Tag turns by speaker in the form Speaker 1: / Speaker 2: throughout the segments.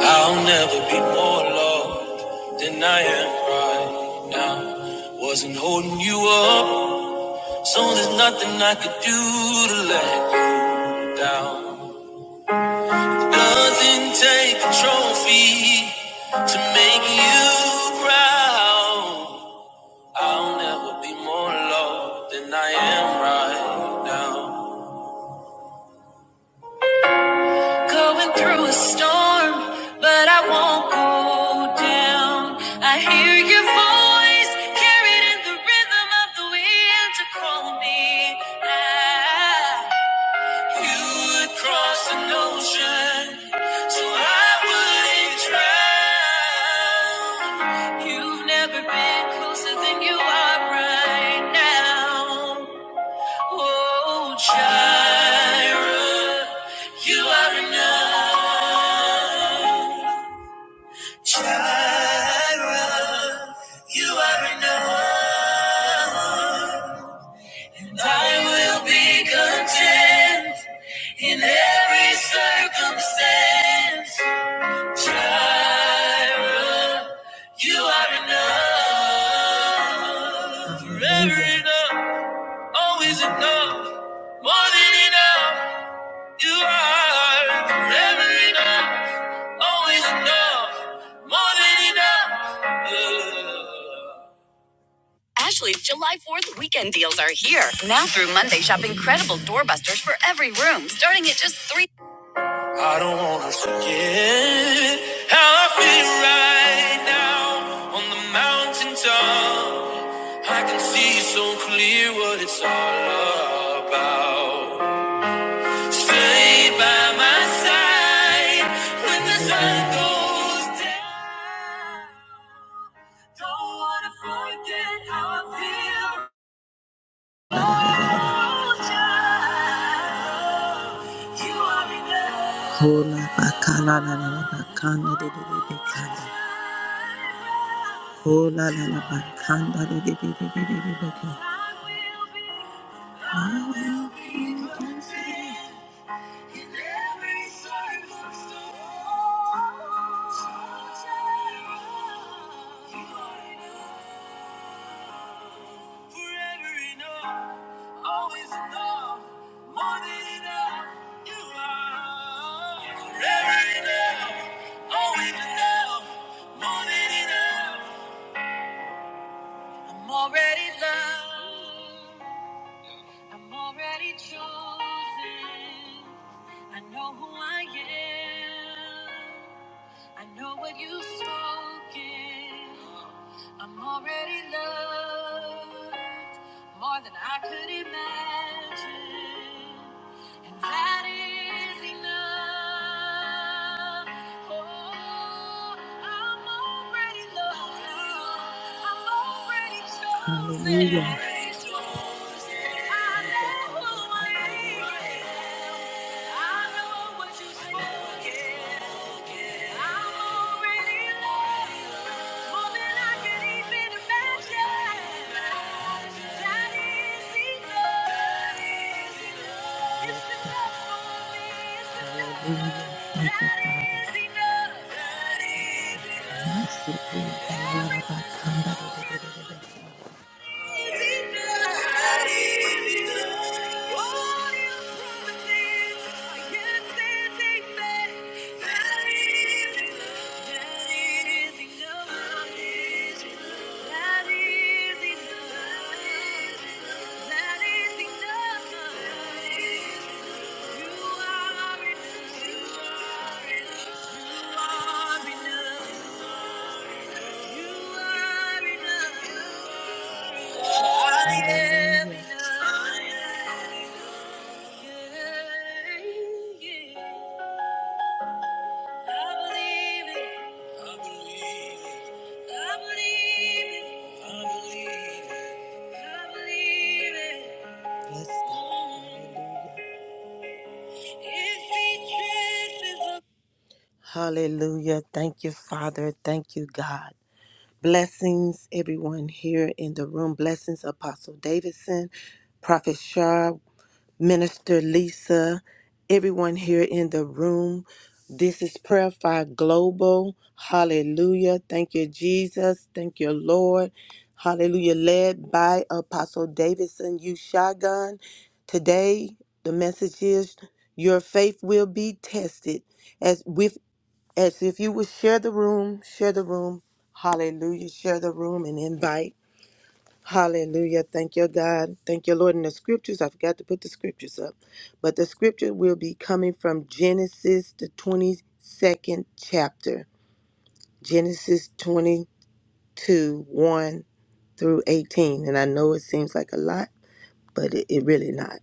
Speaker 1: I'll never be more loved than I am right now. Wasn't holding you up, so there's nothing I could do to let you down. Nothing take a trophy to make you proud. I'll never be more loved than I am right now. Going through a storm, but I won't go down. I hear your voice carried in the rhythm of the wind to call me out. You would cross an ocean, so I wouldn't drown. You've never been closer than you are right now. Oh, Jireh. You are enough. You are enough. I will be content in every circumstance. Child, you are enough. Forever enough. Always enough. More than enough. You are forever enough. Always enough. More than enough. Uh. Ashley's July 4th weekend deals are here. Now through Monday, shop incredible doorbusters for every room, starting at just three. I don't wanna forget how I feel right now on the mountaintop. I can see so clear what it's all about. Stay by my side when the sun goes down. Don't wanna forget how I feel. Hola bakala la la la bakanda de de de bakanda. Hola la la bakanda de de de de de de de bakanda. Yes, God. Hallelujah. Thank you, Father. Thank you, God. Blessings, everyone here in the room. Blessings, Apostle Davidson, Prophet Shah. Minister Lisa, everyone here in the room. This is Prayer Fire Global. Hallelujah. Thank you, Jesus. Thank you, Lord. Hallelujah. Led by Apostle Davidson U. Today, the message is your faith will be tested. As with as if you would share the room, share the room. Hallelujah. Share the room and invite. Hallelujah. Thank you, God. Thank you, Lord. In the scriptures, I forgot to put the scriptures up, but the scripture will be coming from Genesis, the 22nd chapter, Genesis 22 1 through 18. And I know it seems like a lot, but it, it really not.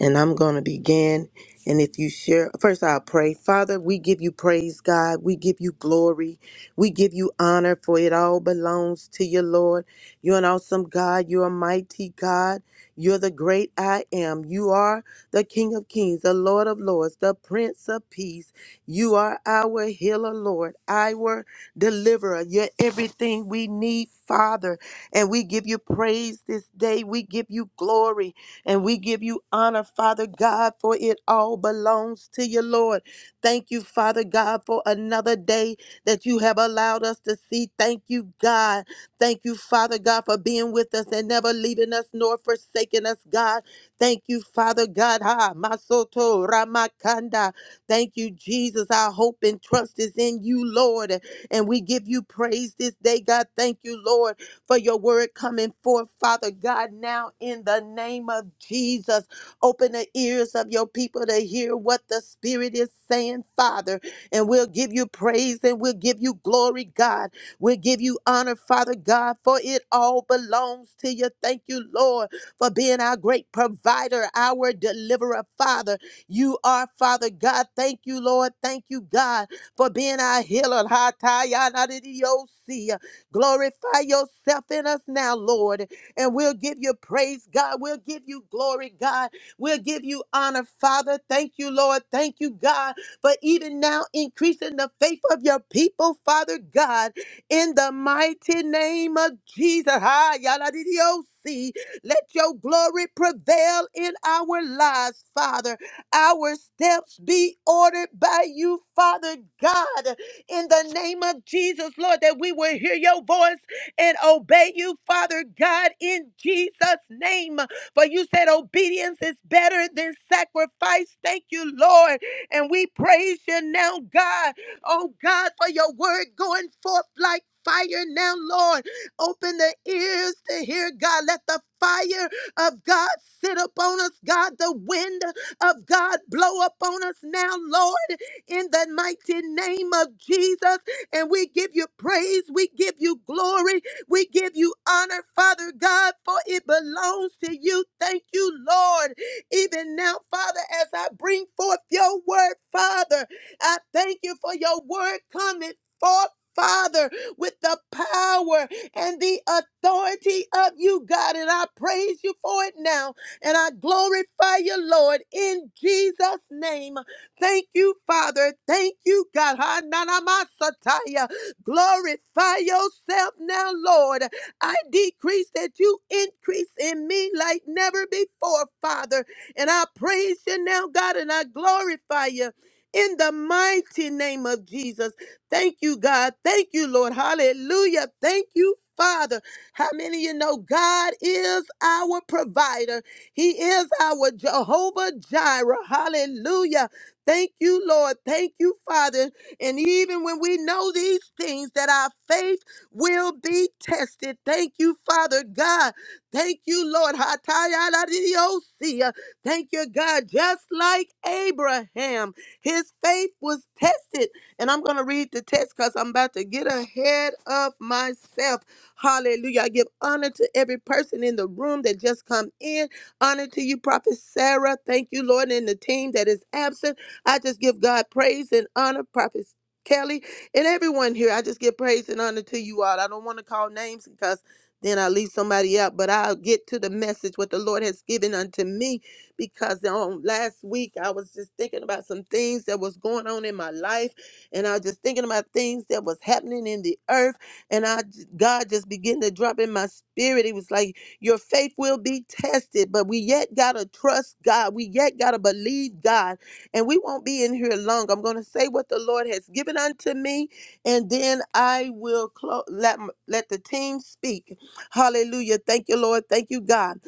Speaker 1: And I'm going to begin. And if you share, first I'll pray. Father, we give you praise, God. We give you glory. We give you honor, for it all belongs to you, Lord. You're an awesome God. You're a mighty God. You're the great I am. You are the King of Kings, the Lord of Lords, the Prince of Peace. You are our healer, Lord, our deliverer. You're everything we need, Father. And we give you praise this day. We give you glory. And we give you honor, Father God, for it all belongs to you, Lord. Thank you, Father God, for another day that you have allowed us to see. Thank you, God. Thank you, Father God, for being with us and never leaving us nor forsaking us, God. Thank you, Father God. Ha, Masoto Ramakanda. Thank you, Jesus. Our hope and trust is in you, Lord. And we give you praise this day, God. Thank you, Lord for your word coming forth, Father God, now in the name of Jesus. Open the ears of your people to hear what the Spirit is saying, Father. And we'll give you praise and we'll give you glory, God. We'll give you honor, Father God, for it all belongs to you. Thank you, Lord, for being our great provider, our deliverer, Father. You are, Father God. Thank you, Lord. Thank you, God, for being our healer. Ha, ta, ya, na, di, di, yo, see. Glorify yourself in us now, Lord, and we'll give you praise, God. We'll give you glory, God. We'll give you honor, Father. Thank you, Lord. Thank you, God, for even now increasing the faith of your people, Father God, in the mighty name of Jesus. Hi, yada di di o si. Let your glory prevail in our lives, Father. Our steps be ordered by you, Father God in the name of Jesus, Lord, that we will hear your voice and obey you, Father God, in Jesus' name. For you said obedience is better than sacrifice. Thank you, Lord. And we praise you now, God. Oh, God, for your word going forth like fire now, Lord. Open the ears to hear, God. Let the fire of God sit upon us, God. The wind of God blow upon us now, Lord in the mighty name of Jesus. And we give you praise, we give you glory, we give you honor, Father God, for it belongs to you. Thank you, Lord. Even now, Father, as I bring forth your word, Father, I thank you for your word coming forth. Father, with the power and the authority of you, God. And I praise you for it now. And I glorify you, Lord, in Jesus' name. Thank you, Father. Thank you, God. Ha, na, na, ma, sa, ta, ya. Glorify yourself now, Lord. I decrease that you increase in me like never before, Father. And I praise you now, God, and I glorify you. In the mighty name of Jesus. Thank you, God. Thank you, Lord. Hallelujah. Thank you, Father. How many of you know God is our provider? He is our Jehovah Jireh. Hallelujah. Thank you, Lord. Thank you, Father. And even when we know these things, that our faith will be tested. Thank you, Father God. Thank you, Lord. Hatayaladidiosiah. Thank you, God. Just like Abraham, his faith was tested. And I'm going to read the text because I'm about to get ahead of myself. Hallelujah. I give honor to every person in the room that just come in. Honor to you, Prophet Sarah. Thank you, Lord, and the team that is absent. I just give God praise and honor, Prophet Kelly, and everyone here. I just give praise and honor to you all. I don't want to call names because then I leave somebody out, but I'll get to the message what the Lord has given unto me because on last week I was just thinking about some things that was going on in my life, and I was just thinking about things that was happening in the earth, and I God just began to drop in my spirit. It was like your faith will be tested, but we yet gotta trust God. We yet gotta believe God and we won't be in here long. I'm going to say what the Lord has given unto me, and then I will clo- let m- let the team speak. Hallelujah! Thank you, Lord. Thank you, God.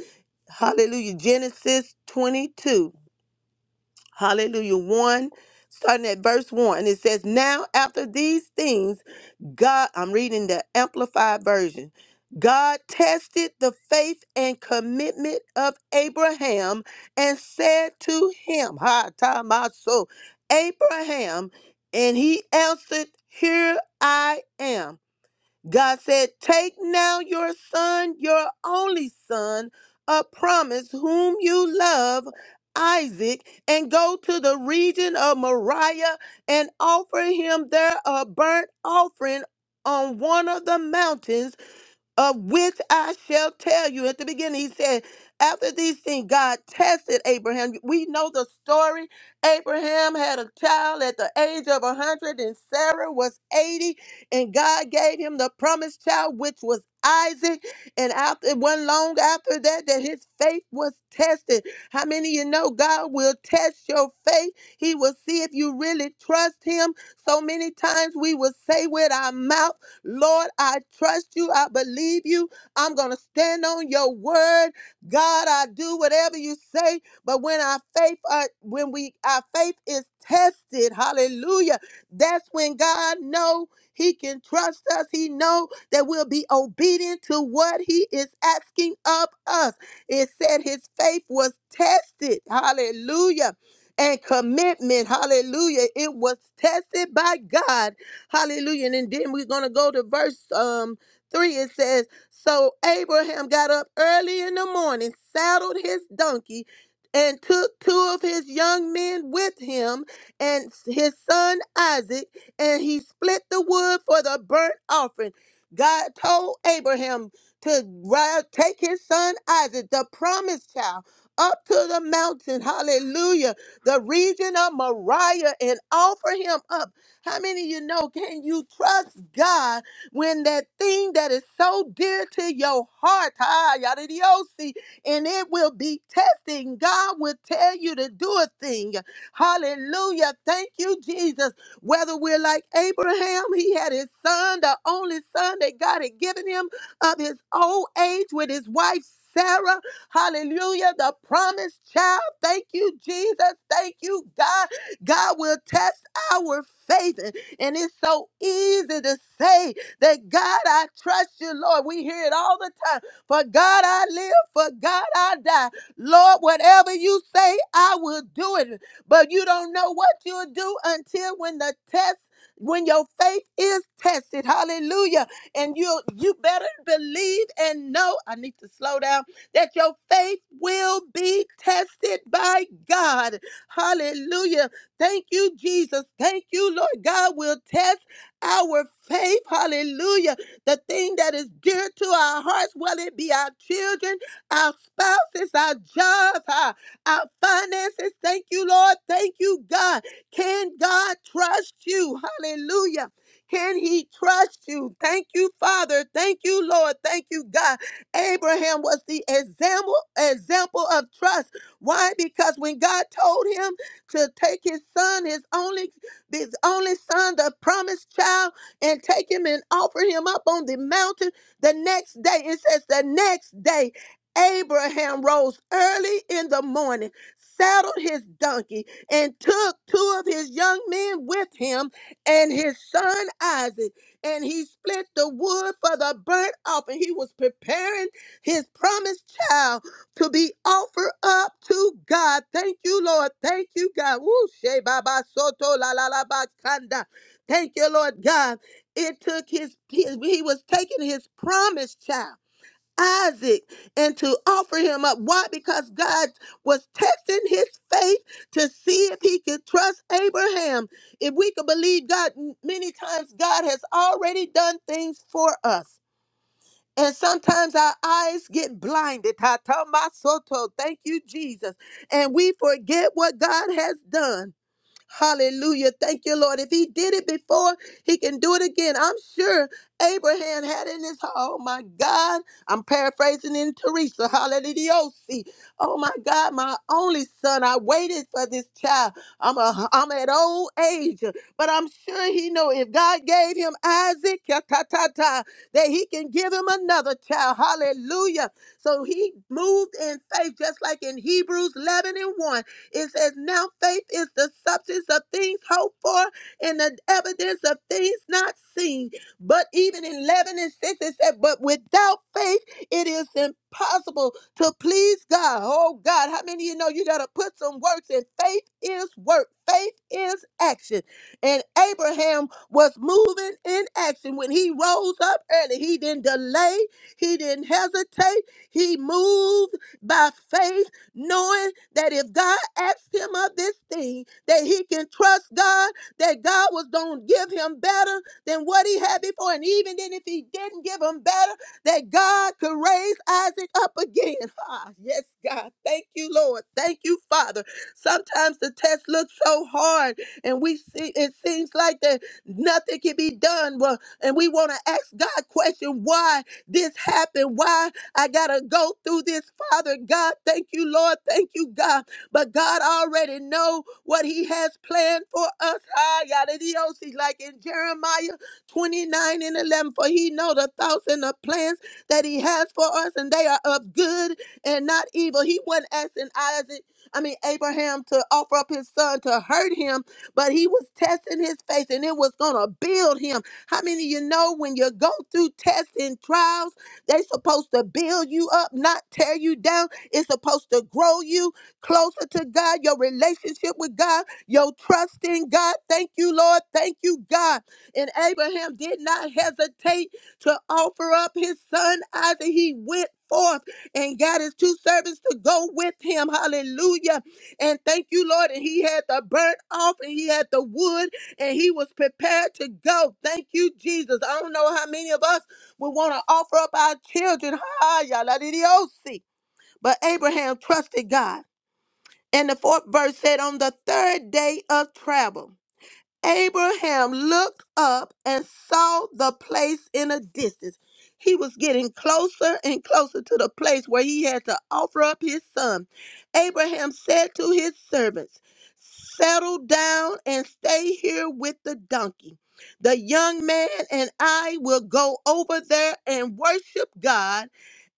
Speaker 1: Hallelujah. Genesis 22. Hallelujah. 1, starting at verse 1. And it says, Now after these things, God, I'm reading the Amplified Version. God tested the faith and commitment of Abraham and said to him, Ha ta ma so, Abraham, and he answered, Here I am. God said, Take now your son, your only son, a promise whom you love, Isaac, and go to the region of Moriah and offer him there a burnt offering on one of the mountains of which I shall tell you. At the beginning, he said, after these things, God tested Abraham. We know the story. Abraham had a child at the age of 100, and Sarah was 80, and God gave him the promised child, which was Isaac. And after it wasn't long after that, that his faith was tested. How many of you know God will test your faith? He will see if you really trust him. So many times we will say with our mouth, Lord, I trust you. I believe you. I'm going to stand on your word. God, I do whatever you say. But when our faith, are, when we, our faith is tested, hallelujah, that's when God know he can trust us. He know that we'll be obedient to what he is asking of us. It said his faith was tested. Hallelujah and commitment. Hallelujah. It was tested by God. Hallelujah. And then we're going to go to verse um 3. It says, So Abraham got up early in the morning, saddled his donkey, and took two of his young men with him and his son Isaac, and he split the wood for the burnt offering. God told Abraham to ri- take his son Isaac, the promised child, up to the mountain. Hallelujah the region of Moriah and offer him up. How many of you know can you trust God when that thing that is so dear to your heart, ah, yadidiosi, and it will be testing? God will tell you to do a thing. Hallelujah. Thank you, Jesus. Whether we're like Abraham, he had his son, the only son that God had given him of his old age with his wife Sarah. Hallelujah. The promised child. Thank you, Jesus. Thank you, God. God will test our faith. And it's so easy to say that God, I trust you, Lord. We hear it all the time. For God, I live. For God, I die. Lord, whatever you say, I will do it. But you don't know what you'll do until when the test when your faith is tested, hallelujah, and you you better believe and know, I need to slow down, that your faith will be tested by God. Hallelujah. Thank you, Jesus. Thank you, Lord God. will test test our faith. Hallelujah. The thing that is dear to our hearts, whether it be our children, our spouses, our jobs, our, our finances. Thank you, Lord. Thank you, God. Can God trust you? Hallelujah. Can he trust you? Thank you, Father. Thank you, Lord. Thank you, God. Abraham was the example example of trust. Why? Because when God told him to take his son, his only his only son, the promised child, and take him and offer him up on the mountain the next day. It says the next day. Abraham rose early in the morning, saddled his donkey, and took two of his young men with him and his son Isaac. And he split the wood for the burnt offering. He was preparing his promised child to be offered up to God. Thank you, Lord. Thank you, God. Woo, she baba soto la la la ba kanda. Thank you, Lord God. It took his, his he was taking his promised child. Isaac and to offer him up. Why? Because God was testing his faith to see if he could trust Abraham. If we could believe God, m- many times God has already done things for us. And sometimes our eyes get blinded. Tatamasoto. Thank you, Jesus. And we forget what God has done. Hallelujah. Thank you, Lord. If he did it before, he can do it again. I'm sure Abraham had in his heart, oh my God, I'm paraphrasing in Teresa, hallelujah. Oh my God, my only son, I waited for this child. I'm a, I'm at old age, but I'm sure he know if God gave him Isaac, ya ta ta ta, that he can give him another child, hallelujah. So he moved in faith, just like in Hebrews 11 and 1. It says, Now faith is the substance of things hoped for and the evidence of things not seen. But even in 11 and 6, it said, But without faith, it is impossible to please God. Oh, God, how many of you know you got to put some works in? Faith is work, faith is action. And Abraham was moving in action when he rose up early. He didn't delay, he didn't hesitate, he moved by faith knowing that if God asked him of this thing, that he can trust God, that God was going to give him better than what he had before. And even then, if he didn't give him better, that God could raise Isaac up again. Ah, yes, God. Thank you, Lord. Thank you, Father. Sometimes the test looks so hard, and we see it seems like that nothing can be done. Well, and we want to ask God question, why this happened? Why I got to go through this, Father God. Thank you, Lord. Thank you, God. But God already know what he has planned for us. Ah, yada di oh, see, Like in Jeremiah 29 and 11, for he know the thoughts and the plans that he has for us, and they are of good and not evil. He wasn't asking Isaac, I mean Abraham, to offer up his son to hurt him, but he was testing his faith, and it was gonna build him. How many of you know when you go through tests and trials? They are supposed to build you up, not tear you down. It's supposed to grow you closer to God, your relationship with God, your trust in God. Thank you, Lord. Thank you, God. And Abraham did not hesitate to offer up his son Isaac. He went forth and got his two servants to go with him. Hallelujah. And thank you, Lord. And he had the burnt off and he had the wood and he was prepared to go. Thank you, Jesus. I don't know how many of us we want to offer up our children. Ha, yaladidiosi. But Abraham trusted God. And the fourth verse said, on the third day of travel. Abraham looked up and saw the place in a distance. He was getting closer and closer to the place where he had to offer up his son. Abraham said to his servants, Settle down and stay here with the donkey. The young man and I will go over there and worship God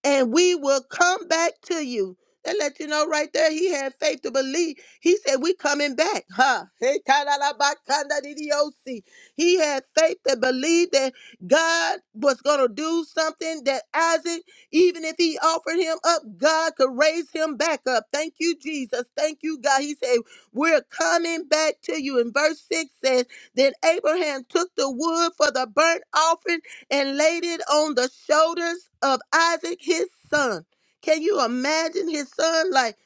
Speaker 1: and we will come back to you. That let you know right there, he had faith to believe. He said, We coming back, huh? Hey, ta-da-da-ba-kanda-di-di-o-si. He had faith to believe that God was gonna do something that Isaac, even if he he offered him up. God could raise him back up. Thank you, Jesus. Thank you, God. He said, We're coming back to you. And verse 6 says, Then Abraham took the wood for the burnt offering and laid it on the shoulders of Isaac, his son. Can you imagine his son? Like,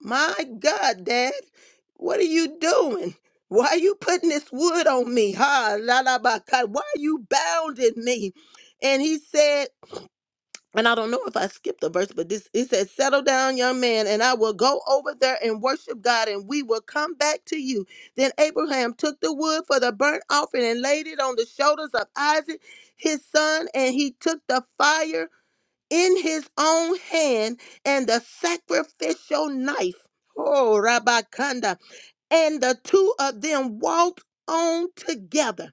Speaker 1: my God, Dad, what are you doing? Why are you putting this wood on me? Ha, la la ba, ka. Why are you bounding me? And he said, and I don't know if I skipped a verse, but this it says, Settle down, young man, and I will go over there and worship God, and we will come back to you. Then Abraham took the wood for the burnt offering and laid it on the shoulders of Isaac, his son, and he took the fire in his own hand and the sacrificial knife. Oh, Rabakanda. And the two of them walked on together.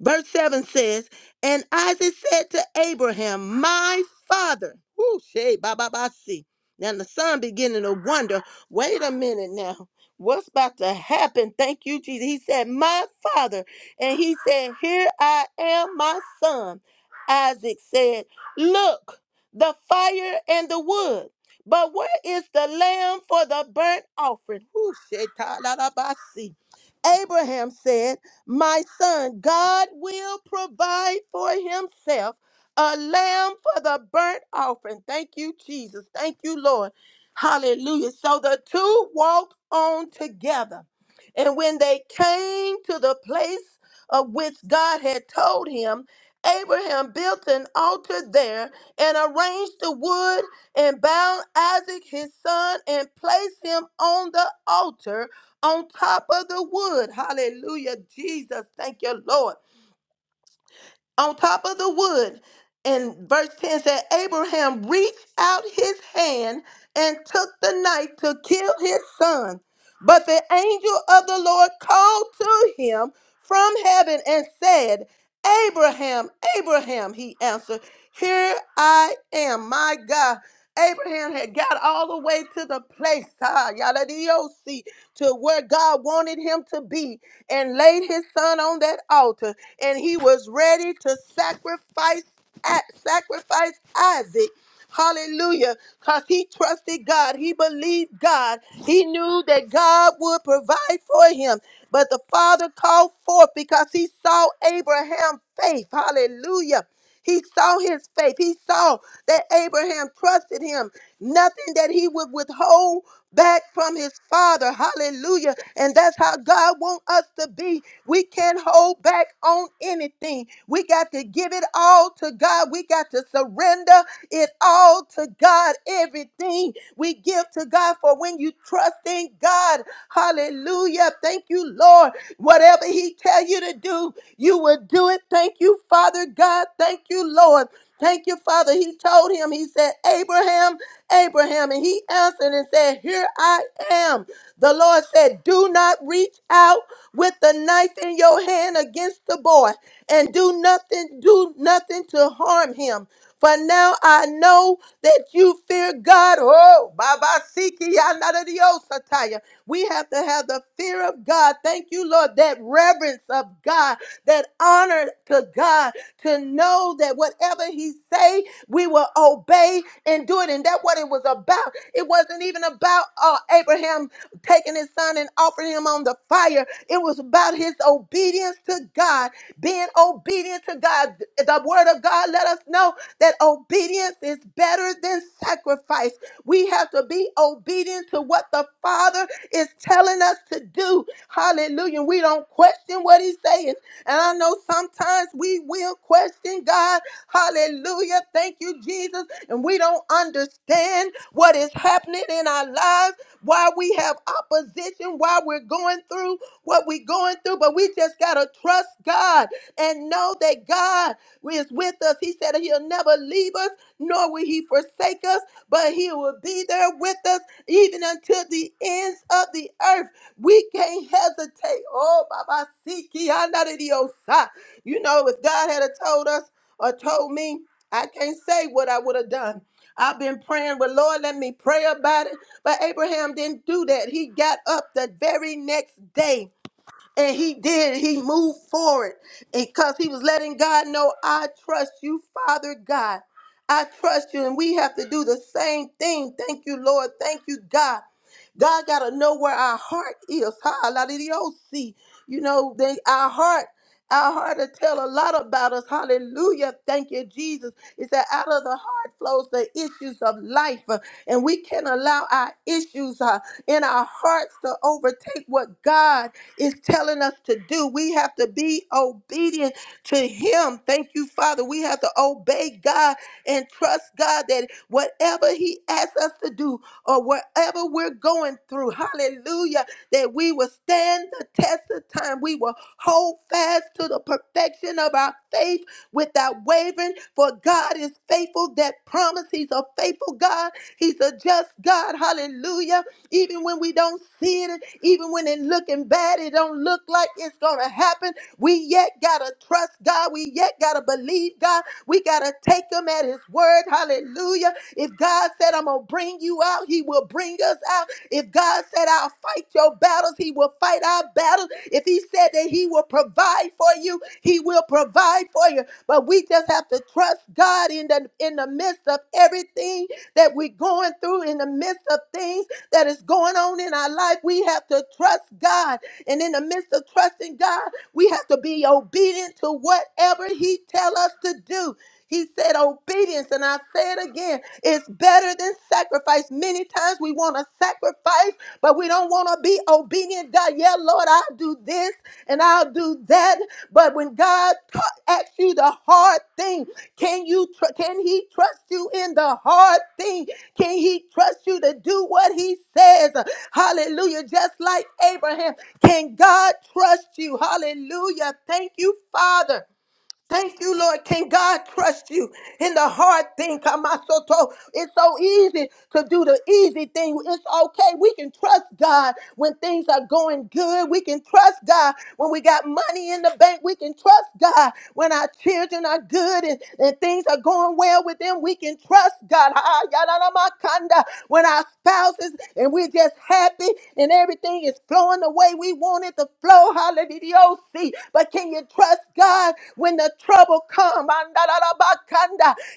Speaker 1: Verse 7 says, And Isaac said to Abraham, My father. Whoo, shey, ba ba ba see. Now the son beginning to wonder, wait a minute now. What's about to happen? Thank you, Jesus. He said, My father. And he said, Here I am, my son. Isaac said, Look, the fire and the wood. But where is the lamb for the burnt offering? Whoo, shey, ta la la ba see. Abraham said, My son, God will provide for himself a lamb for the burnt offering. Thank you, Jesus. Thank you, Lord. Hallelujah. So the two walked on together. And when they came to the place of which God had told him, Abraham built an altar there and arranged the wood and bound Isaac his son and placed him on the altar on top of the wood. Hallelujah. Jesus, thank you, Lord. On top of the wood. And verse 10 said, Abraham reached out his hand and took the knife to kill his son. But the angel of the Lord called to him from heaven and said, Abraham, Abraham, he answered, Here I am, my God. Abraham had got all the way to the place, ah, yadadiosi, to where God wanted him to be and laid his son on that altar. And he was ready to sacrifice, sacrifice Isaac. Hallelujah. Because he trusted God. He believed God. He knew that God would provide for him. But the father called forth because he saw Abraham's faith. Hallelujah. He saw his faith. He saw that Abraham trusted him nothing that he would withhold back from his father. Hallelujah. And that's how God wants us to be. We can't hold back on anything. We got to give it all to God. We got to surrender it all to God. Everything we give to God for when you trust in God. Hallelujah. Thank you, Lord. Whatever he tell you to do, you will do it. Thank you, Father God. Thank you, Lord. Thank you, Father. He told him, He said, Abraham, Abraham. And he answered and said, Here I am. The Lord said, Do not reach out with the knife in your hand against the boy and do nothing, do nothing to harm him. For now I know that you fear God. Oh, Baba Siki, Sataya. We have to have the fear of God. Thank you, Lord, that reverence of God, that honor to God, to know that whatever He say, we will obey and do it. And that's what it was about. It wasn't even about uh, Abraham taking his son and offering him on the fire. It was about his obedience to God, being being obedient to God. The word of God let us know that obedience is better than sacrifice. We have to be obedient to what the Father is telling us to do. Hallelujah. We don't question what he's saying. And I know sometimes we will question God. Hallelujah. Thank you, Jesus. And we don't understand what is happening in our lives, why we have opposition, why we're going through what we're going through, but we just got to trust God and know that God is with us. He said he'll never leave us, nor will he forsake us, but he will be there with us even until the ends of the earth. We can't hesitate. Oh, Baba Siki, Anadidiosa. You know, if God had a told us or told me, I can't say what I would have done. I've been praying, well, Lord, let me pray about it. But Abraham didn't do that. He got up the very next day and he did. He moved forward because he was letting God know, I trust you, Father God. I trust you. And we have to do the same thing. Thank you, Lord. Thank you, God. God got to know where our heart is. Ha, la, di, di, oh, see. You know, they, our heart, our heart will tell a lot about us. Hallelujah. Thank you, Jesus. It's that out of the heart flows the issues of life. uh, And we can allow our issues uh, in our hearts to overtake what God is telling us to do. We have to be obedient to Him. Thank you, Father. We have to obey God and trust God that whatever He asks us to do or wherever we're going through, hallelujah, that we will stand the test of time. We will hold fast to the perfection of our faith without wavering, for God is faithful. That promise, He's a faithful God. He's a just God. Hallelujah even when we don't see it, even when it looking bad, it don't look like it's gonna happen. We yet gotta trust God. We yet gotta believe God. We gotta take Him at His word. Hallelujah. If God said, I'm gonna bring you out, He will bring us out. If God said, I'll fight your battles, He will fight our battles. If He said that He will provide for you, He will provide pray for you. But we just have to trust God in the in the midst of everything that we're going through, in the midst of things that is going on in our life. We have to trust God. And in the midst of trusting God, we have to be obedient to whatever He tell us to do. He said, Obedience, and I say it again, it's better than sacrifice. Many times we want to sacrifice, but we don't want to be obedient. God, yeah, Lord, I'll do this and I'll do that. But when God t- asks you the hard thing, can you tr- can He trust you in the hard thing? Can He trust you to do what He says? Hallelujah. Just like Abraham, can God trust you? Hallelujah. Thank you, Father. Thank you, Lord. Can God trust you in the hard thing? Kamasoto. It's so easy to do the easy thing. It's okay. We can trust God when things are going good. We can trust God when we got money in the bank. We can trust God when our children are good and, and things are going well with them. We can trust God. Ah, yadadamakanda. When our spouses and we're just happy and everything is flowing the way we want it begins to flow. Hallelujah. Oh, see. But can you trust God when the trouble comes?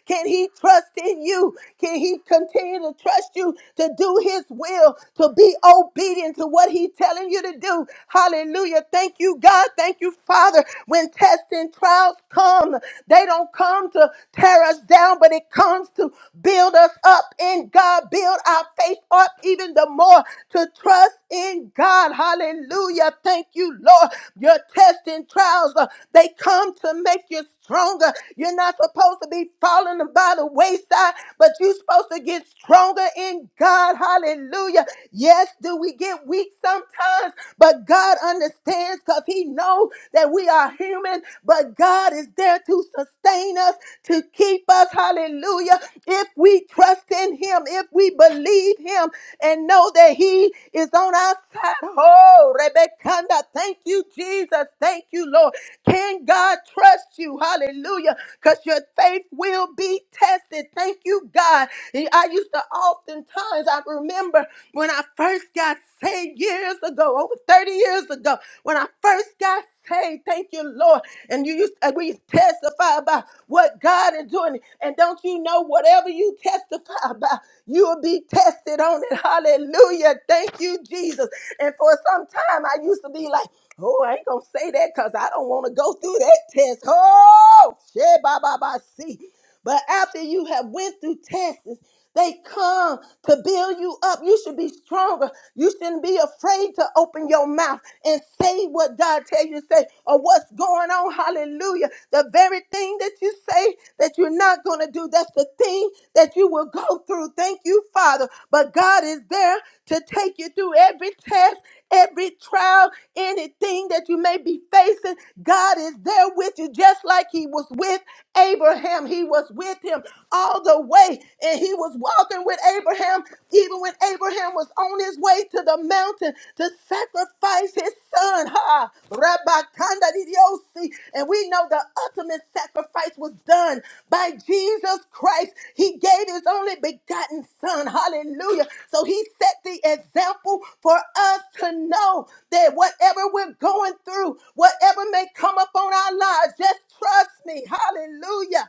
Speaker 1: Can He trust in you? Can He continue to trust you to do His will, to be obedient to what He's telling you to do? Hallelujah. Thank you, God. Thank you, Father. When tests and trials come, they don't come to tear us down, but it comes to build us up in God, build our faith up even the more to trust in God. Hallelujah. Thank you, Lord. Your tests and trials, uh, they come to make you stronger. You're not supposed to be falling by the wayside, but you're supposed to get stronger in God. Hallelujah. Yes, do we get weak sometimes, but God understands because He knows that we are human, but God is there to sustain us, to keep us. Hallelujah. If we trust in him, if we believe him and know that he is on our side. Oh, Rebekah, thank you, Jesus. Thank you, Lord. Can God trust you? Hallelujah. Because your faith will be tested. Thank you, God. And I used to oftentimes, I remember when I first got saved years ago, over 30 years ago, when I first got Hey, thank you, Lord. And you, used and we testify about what God is doing. And don't you know, whatever you testify about, you will be tested on it. Hallelujah. Thank you, Jesus. And for some time, I used to be like, oh, I ain't going to say that because I don't want to go through that test. Oh, shit, ba, ba, ba, see. But after you have went through tests, they come to build you up. You should be stronger. You shouldn't be afraid to open your mouth and say what God tells you to say or what's going on. Hallelujah. The very thing that you say that you're not going to do, that's the thing that you will go through. Thank you, Father. But God is there to take you through every test, every trial, anything that you may be facing. God is there with you, just like He was with Abraham. He was with him all the way, and he was walking with Abraham, even when Abraham was on his way to the mountain to sacrifice his son. Ha! Rabbi Kanda Didiosi. And we know the ultimate sacrifice was done by Jesus Christ. He gave his only begotten son. Hallelujah. So he set the example for us to know that whatever we're going through, whatever may come upon our lives, just trust me. Hallelujah.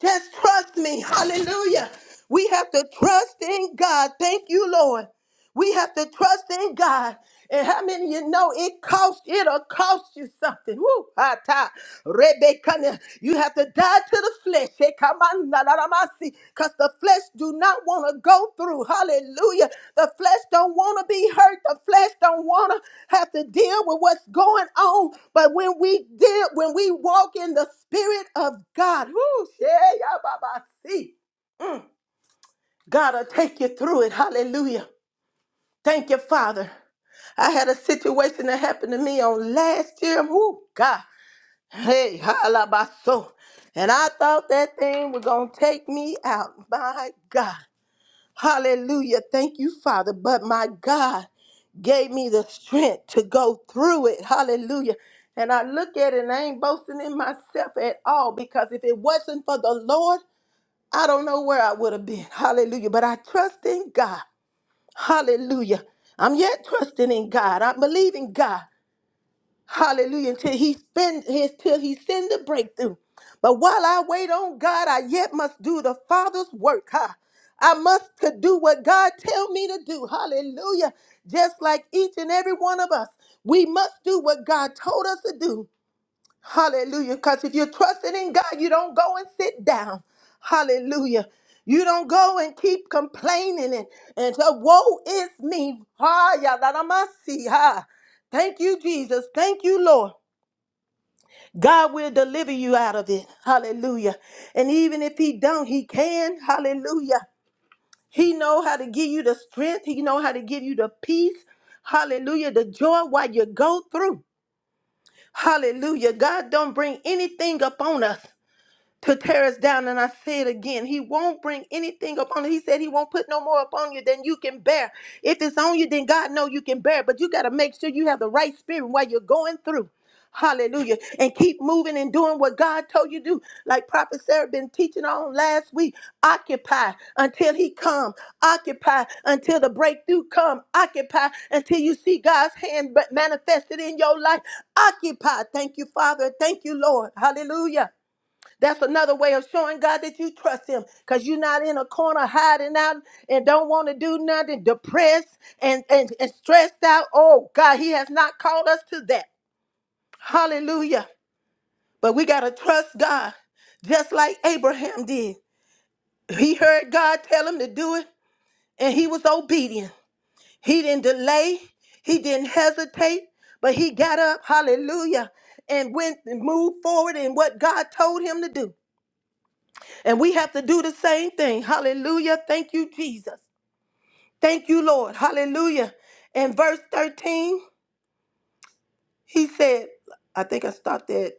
Speaker 1: Just trust me. Hallelujah. We have to trust in God. Thank you, Lord. We have to trust in God. And how many of you know it costs, it'll cost you something. Woo, hata, rebekana. You have to die to the flesh. Because the flesh do not want to go through. Hallelujah. The flesh don't want to be hurt. The flesh don't want to have to deal with what's going on. But when we deal, when we walk in the spirit of God, whoo, yeah, yeah, Baba, see, God will take you through it. Hallelujah. Thank you, Father. I had a situation that happened to me on last year. Whoo, God. Hey, halabaso. And I thought that thing was going to take me out. My God. Hallelujah. Thank you, Father. But my God gave me the strength to go through it. Hallelujah. And I look at it and I ain't boasting in myself at all because if it wasn't for the Lord, I don't know where I would have been. Hallelujah. But I trust in God. Hallelujah. I'm yet trusting in God. I'm believing God. Hallelujah. Until he spend his till he send the breakthrough. But while I wait on God, I yet must do the Father's work. Huh? I must to do what God tell me to do. Hallelujah. Just like each and every one of us, we must do what God told us to do. Hallelujah. Because if you're trusting in God, you don't go and sit down. Hallelujah. You don't go and keep complaining and, and say, Woe is me. Ah, yeah, that I must see. Ah. Thank you, Jesus. Thank you, Lord. God will deliver you out of it. Hallelujah. And even if he don't, he can. Hallelujah. He know how to give you the strength. He know how to give you the peace. Hallelujah. The joy while you go through. Hallelujah. God don't bring anything upon us. to tear us down. And I say it again, He won't bring anything upon you. He said He won't put no more upon you than you can bear. If it's on you, then God know you can bear. it. But you got to make sure you have the right spirit while you're going through. Hallelujah. And keep moving and doing what God told you to do. Like Prophet Sarah been teaching on last week. Occupy until he come. Occupy until the breakthrough come. Occupy until you see God's hand ma- manifested in your life. Occupy. Thank you, Father. Thank you, Lord. Hallelujah. That's another way of showing God that you trust Him because you're not in a corner hiding out and don't want to do nothing, depressed and, and, and stressed out. Oh, God, He has not called us to that. Hallelujah. But we got to trust God just like Abraham did. He heard God tell him to do it and he was obedient. He didn't delay, he didn't hesitate, but he got up, hallelujah, and went and moved forward in what God told him to do. And we have to do the same thing. Hallelujah. Thank you, Jesus. Thank you, Lord. Hallelujah. In verse 13. He said, I think I stopped at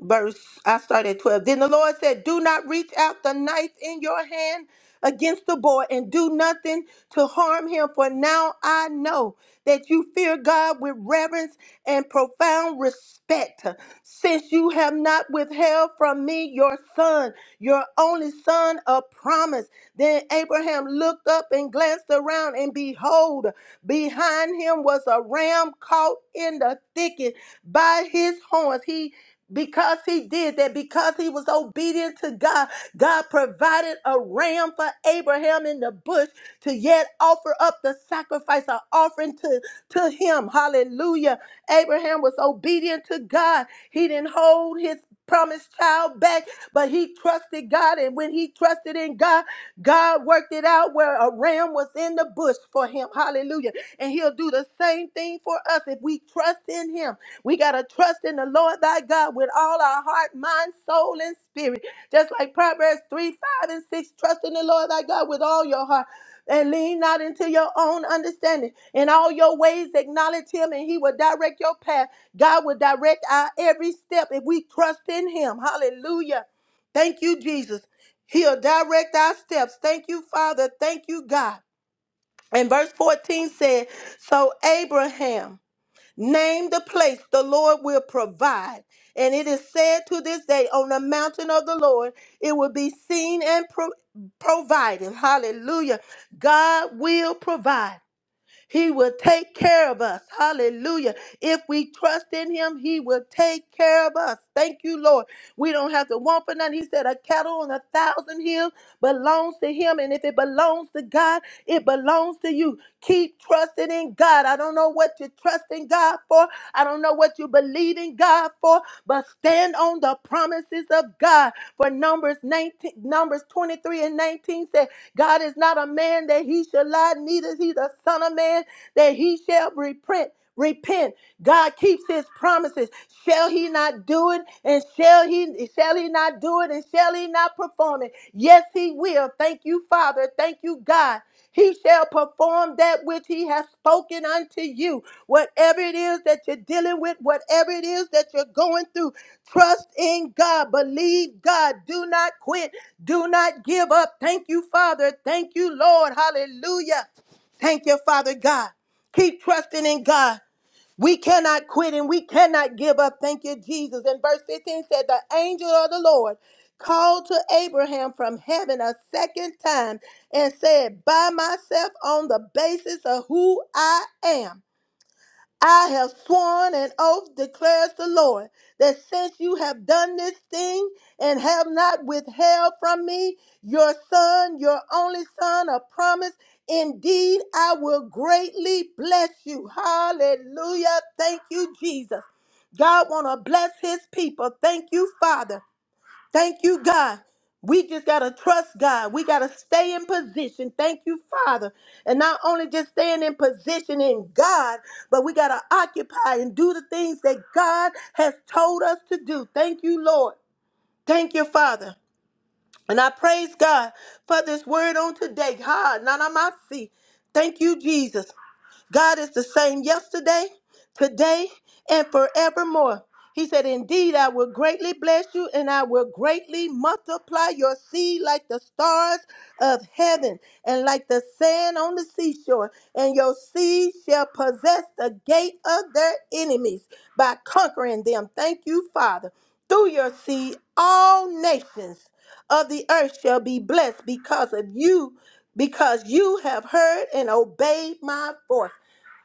Speaker 1: verse, I started at 12. Then the Lord said, Do not reach out the knife in your hand against the boy and do nothing to harm him, for now I know that you fear God with reverence and profound respect, since you have not withheld from me your son, your only son of promise. Then Abraham looked up and glanced around, and behold, Behind him was a ram caught in the thicket by his horns. He because he did that, because he was obedient to God, God provided a ram for Abraham in the bush to yet offer up the sacrifice, an offering to to him. Hallelujah. Abraham was obedient to God. He didn't hold his promised child back, but he trusted God. And when he trusted in God, God worked it out where a ram was in the bush for him. Hallelujah. And he'll do the same thing for us if we trust in him. We got to trust in the Lord thy God with all our heart, mind, soul, and spirit. Just like Proverbs 3, 5, and 6, trust in the Lord thy God with all your heart and lean not into your own understanding. In all your ways, acknowledge Him, and He will direct your path. God will direct our every step if we trust in Him. Hallelujah. Thank you, Jesus. He'll direct our steps. Thank you, Father. Thank you, God. And verse 14 said, So Abraham Name the place the Lord will provide. And it is said to this day, on the mountain of the Lord, it will be seen and pro- provided. Hallelujah. God will provide. He will take care of us. Hallelujah. If we trust in him, he will take care of us. Thank you, Lord. We don't have to want for nothing. He said, A cattle on a thousand hills belongs to him. And if it belongs to God, it belongs to you. Keep trusting trusting in God. I don't know what you're trusting God for. I don't know what you believe in God for, but stand on the promises of God. For Numbers 19, Numbers 23 and 19 said, God is not a man that he shall lie, neither he the son of man that he shall repent. Repent. God keeps his promises. Shall he not do it? And shall he shall he not do it? And shall he not perform it? Yes, he will. Thank you, Father. Thank you, God. He shall perform that which he has spoken unto you. Whatever it is that you're dealing with, whatever it is that you're going through, trust in God. Believe God. Do not quit. Do not give up. Thank you, Father. Thank you, Lord. Hallelujah. Thank you, Father God. Keep trusting in God. We cannot quit and we cannot give up. Thank you, Jesus. And verse 15 said, The angel of the Lord called to Abraham from heaven a second time and said, By myself on the basis of who I am. I have sworn an oath, declares the Lord, that since you have done this thing and have not withheld from me your son, your only son, a promise, indeed I will greatly bless you. Hallelujah. Thank you, Jesus. God want to bless his people. Thank you, Father. Thank you, God. We just got to trust God. We got to stay in position. Thank you, Father. And not only just staying in position in God, but we got to occupy and do the things that God has told us to do. Thank you, Lord. Thank you, Father. And I praise God for this word on today. Ha, nanamasi. Thank you, Jesus. God is the same yesterday, today, and forevermore. He said, Indeed, I will greatly bless you, and I will greatly multiply your seed like the stars of heaven and like the sand on the seashore. And your seed shall possess the gate of their enemies by conquering them. Thank you, Father. Through your seed, all nations of the earth shall be blessed because of you, because you have heard and obeyed my voice.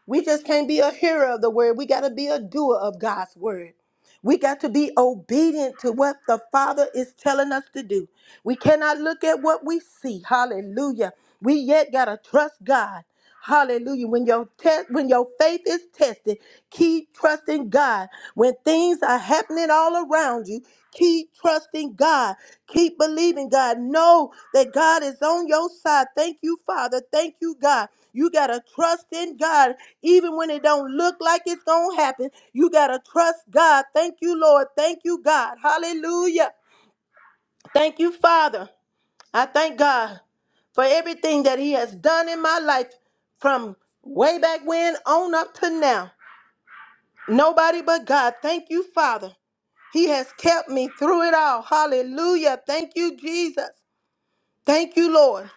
Speaker 1: We just can't be a hearer of the word. We got to be a doer of God's word. We got to be obedient to what the Father is telling us to do. We cannot look at what we see. Hallelujah. We yet got to trust God. Hallelujah. When your test when your faith is tested, keep trusting God. When things are happening all around you. Keep trusting God. Keep believing God. Know that God is on your side. Thank you, Father. Thank you, God. You got to trust in God even when it don't look like it's going to happen. You got to trust God. Thank you, Lord. Thank you, God. Hallelujah. Thank you, Father. I thank God for everything that he has done in my life from way back when on up to now. Nobody but God. Thank you, Father. He has kept me through it all. Hallelujah. Thank you, Jesus. Thank you, Lord.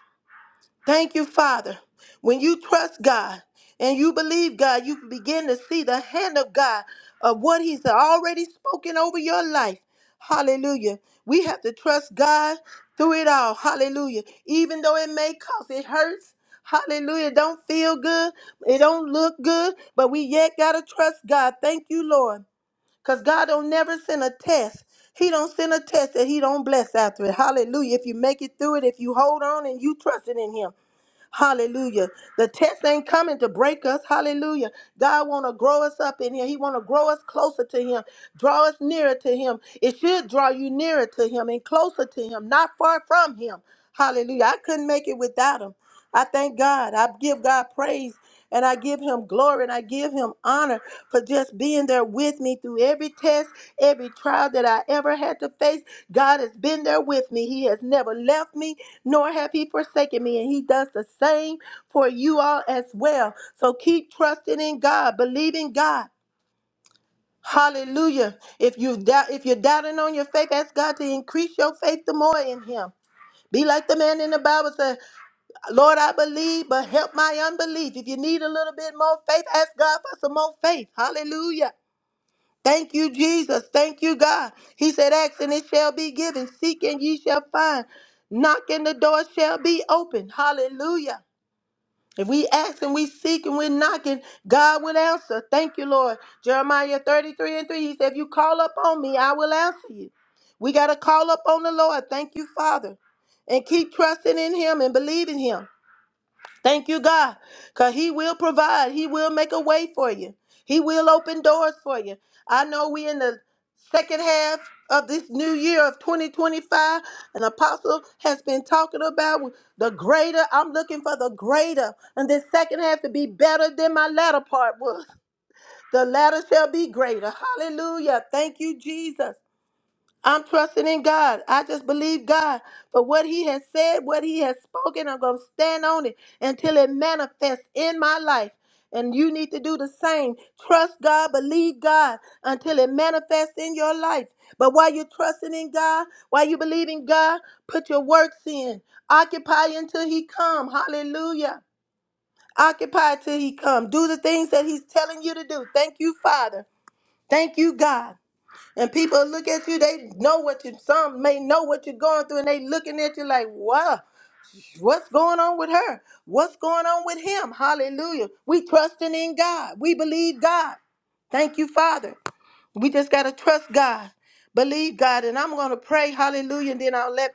Speaker 1: Thank you, Father. When you trust God and you believe God, you begin to see the hand of God of what He's already spoken over your life. Hallelujah. We have to trust God through it all. Hallelujah. Even though it may cost, it hurts. Hallelujah. It Don't feel good. It don't look good, but we yet got to trust God. Thank you, Lord. Because God don't never send a test. He don't send a test that he don't bless after it. Hallelujah. If you make it through it, if you hold on and you trust it in him. Hallelujah. The test ain't coming to break us. Hallelujah. God want to grow us up in here. He want to grow us closer to him. Draw us nearer to him. It should draw you nearer to him and closer to him, not far from him. Hallelujah. I couldn't make it without him. I thank God. I give God praise and I give him glory and I give him honor for just being there with me through every test, every trial that I ever had to face. God has been there with me. He has never left me, nor have he forsaken me. And he does the same for you all as well. So keep trusting in God, believe in God. Hallelujah. If you doubt if you're doubting on your faith, ask God to increase your faith the more in him. Be like the man in the Bible said. Lord, I believe, but help my unbelief. If you need a little bit more faith, ask God for some more faith. Hallelujah. Thank you, Jesus. Thank you, God. He said, Ask and it shall be given. Seek and ye shall find. Knock and the door shall be open. Hallelujah. If we ask and we seek and we're knocking, God will answer. Thank you, Lord. Jeremiah 33 and 3, he said, If you call up on me, I will answer you. We got to call up on the Lord. Thank you, Father. And keep trusting in him and believing him. Thank you, God, because He will provide. He will make a way for you. He will open doors for you. I know we in the second half of this new year of 2025, an apostle has been talking about the greater. I'm looking for the greater. And this second half to be better than my latter part was. The latter shall be greater. Hallelujah. Thank you, Jesus. I'm trusting in God. I just believe God for what He has said, what He has spoken. I'm going to stand on it until it manifests in my life. And you need to do the same. Trust God, believe God until it manifests in your life. But while you're trusting in God, while you believe in God, put your works in. Occupy until He come. Hallelujah. Occupy till He come. Do the things that He's telling you to do. Thank you, Father. Thank you, God. And people look at you, they know what you, some may know what you're going through, and they looking at you like, wow, what's going on with her? What's going on with him? Hallelujah. We trusting in God. We believe God. Thank you, Father. We just got to trust God. Believe God. And I'm going to pray, hallelujah, and then I'll let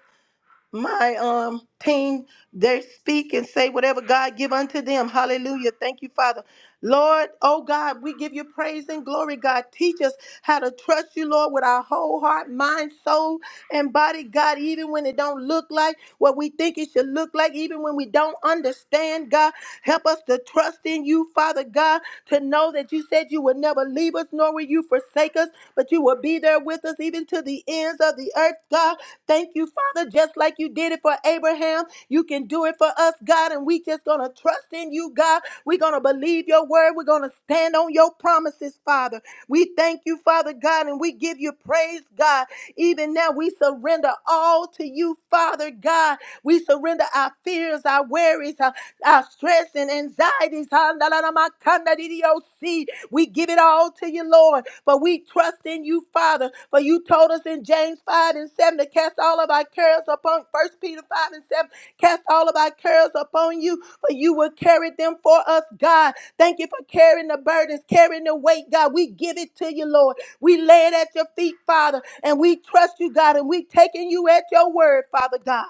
Speaker 1: my um team they speak and say whatever god give unto them hallelujah thank you father lord oh god we give you praise and glory god teach us how to trust you lord with our whole heart mind soul and body god even when it don't look like what we think it should look like even when we don't understand god help us to trust in you father god to know that you said you would never leave us nor will you forsake us but you will be there with us even to the ends of the earth, God. Thank you, Father, just like you did it for Abraham. You can do it for us, God, and we just gonna trust in you, God. We're gonna believe your word. We're gonna stand on your promises, Father. We thank you, Father God, and we give you praise, God. Even now, we surrender all to you, Father God. We surrender our fears, our worries, our, our stress and anxieties. Ha-la-la-la-ma-kanda-di-di-o-si. We give it all to you, Lord. For we trust in you, Father. For you told us in James 5 and 7 to cast all of our cares upon First Peter 5 and 7. Cast all of our cares upon you, for you will carry them for us, God. Thank you for carrying the burdens, carrying the weight, God. We give it to you, Lord. We lay it at your feet, Father, and we trust you, God, and we taking you at your word, Father God.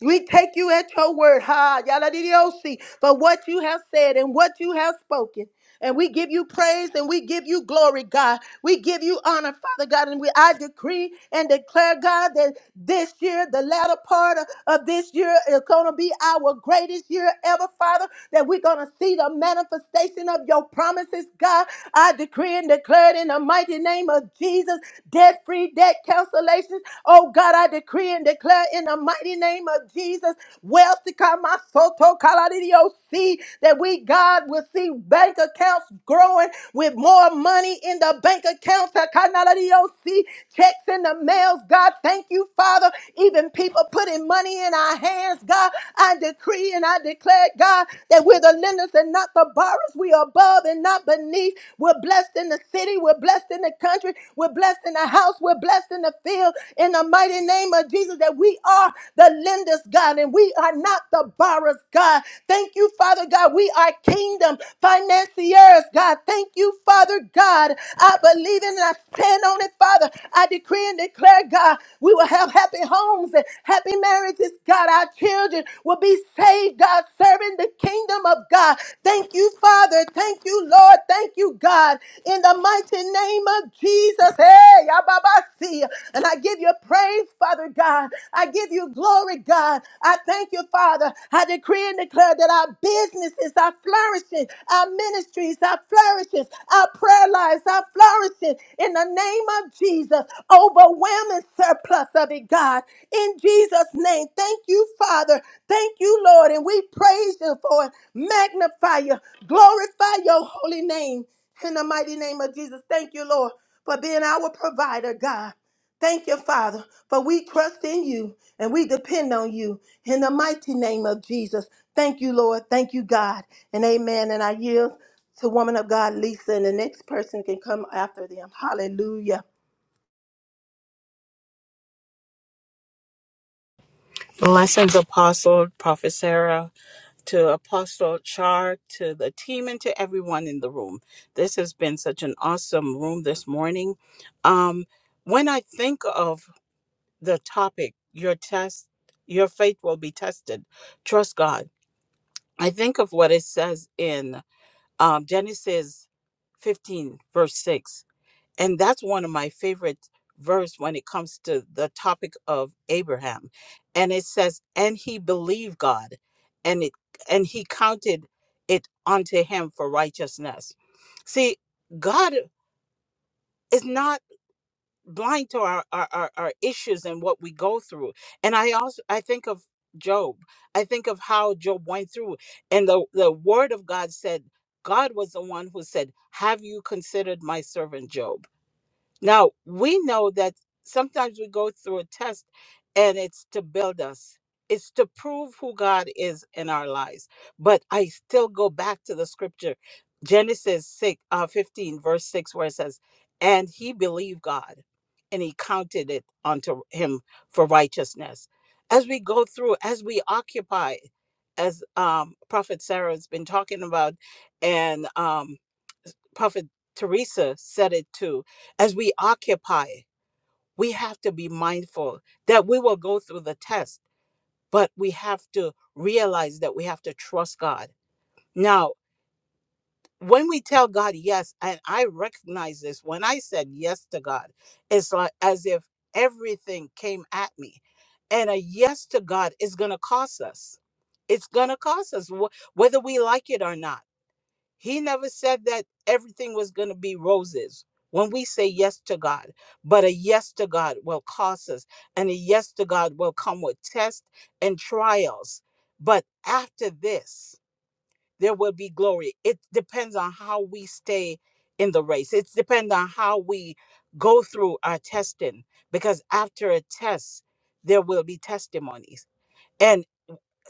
Speaker 1: We take you at your word, ha, yala didiosi, for what you have said and what you have spoken. And we give you praise and we give you glory, God. We give you honor, Father God. And we I decree and declare, God, that this year, the latter part of, of this year, is gonna be our greatest year ever, Father. That we're gonna see the manifestation of your promises, God. I decree and declare it in the mighty name of Jesus. Debt free, debt cancellations. Oh God, I decree and declare in the mighty name of Jesus. Wealth to come, my soul, me that we, God, will see bank accounts growing with more money in the bank accounts. Hakanaradiyosi, Checks in the mails, God. Thank you, Father. Even people putting money in our hands, God. I decree and I declare, God, that we're the lenders and not the borrowers. We are above and not beneath. We're blessed in the city. We're blessed in the country. We're blessed in the house. We're blessed in the field. In the mighty name of Jesus, that we are the lenders, God, and we are are not the borrowers, God. Thank you, Father God. We are kingdom financiers, God. Thank you, Father God. I believe in and I stand on it, Father. I decree and declare, God, we will have happy homes and happy marriages, God. Our children will be saved, God, serving the kingdom of God. Thank you, Father. Thank you, Lord. Thank you, God. In the mighty name of Jesus. Hey, Yababasi. And I give you praise, Father God. I give you glory, God. I thank you, Father. I decree and declare that our businesses are flourishing, our ministries are flourishing, our prayer lives are flourishing in the name of Jesus. Overwhelming surplus of it, God. In Jesus' name, thank you, Father. Thank you, Lord. And we praise you for it. Magnify you. Glorify your holy name. In the mighty name of Jesus, thank you, Lord, for being our provider, God. Thank you, Father, for we trust in you and we depend on you in the mighty name of Jesus. Thank you, Lord. Thank you, God. And amen. And I yield to woman of God, Lisa, and the next person can come after them. Hallelujah.
Speaker 2: Blessings, Apostle, Prophet Sarah, to Apostle Char, to the team, and to everyone in the room. This has been such an awesome room this morning. Um, when I think of the topic, your test, your faith will be tested. Trust God. I think of what it says in um, Genesis 15, verse 6 and that's one of my favorite verse when it comes to the topic of Abraham and it says and he believed God and it and he counted it unto him for righteousness see God is not blind to our our, our, our issues and what we go through and I also I think of Job I think of how Job went through and the the word of God said God was the one who said have you considered my servant Job now, we know that sometimes we go through a test and it's to build us, it's to prove who God is in our lives. But I still go back to the scripture, Genesis 6, uh, 15, verse 6, where it says, And he believed God and he counted it unto him for righteousness. As we go through, as we occupy, as um, Prophet Sarah has been talking about, and um, Prophet Teresa said it too as we occupy, we have to be mindful that we will go through the test, but we have to realize that we have to trust God. Now, when we tell God yes, and I recognize this, when I said yes to God, it's like as if everything came at me. And a yes to God is going to cost us. It's going to cost us wh- whether we like it or not he never said that everything was going to be roses. When we say yes to God, but a yes to God will cost us, and a yes to God will come with tests and trials. But after this, there will be glory. It depends on how we stay in the race, it depends on how we go through our testing, because after a test, there will be testimonies. And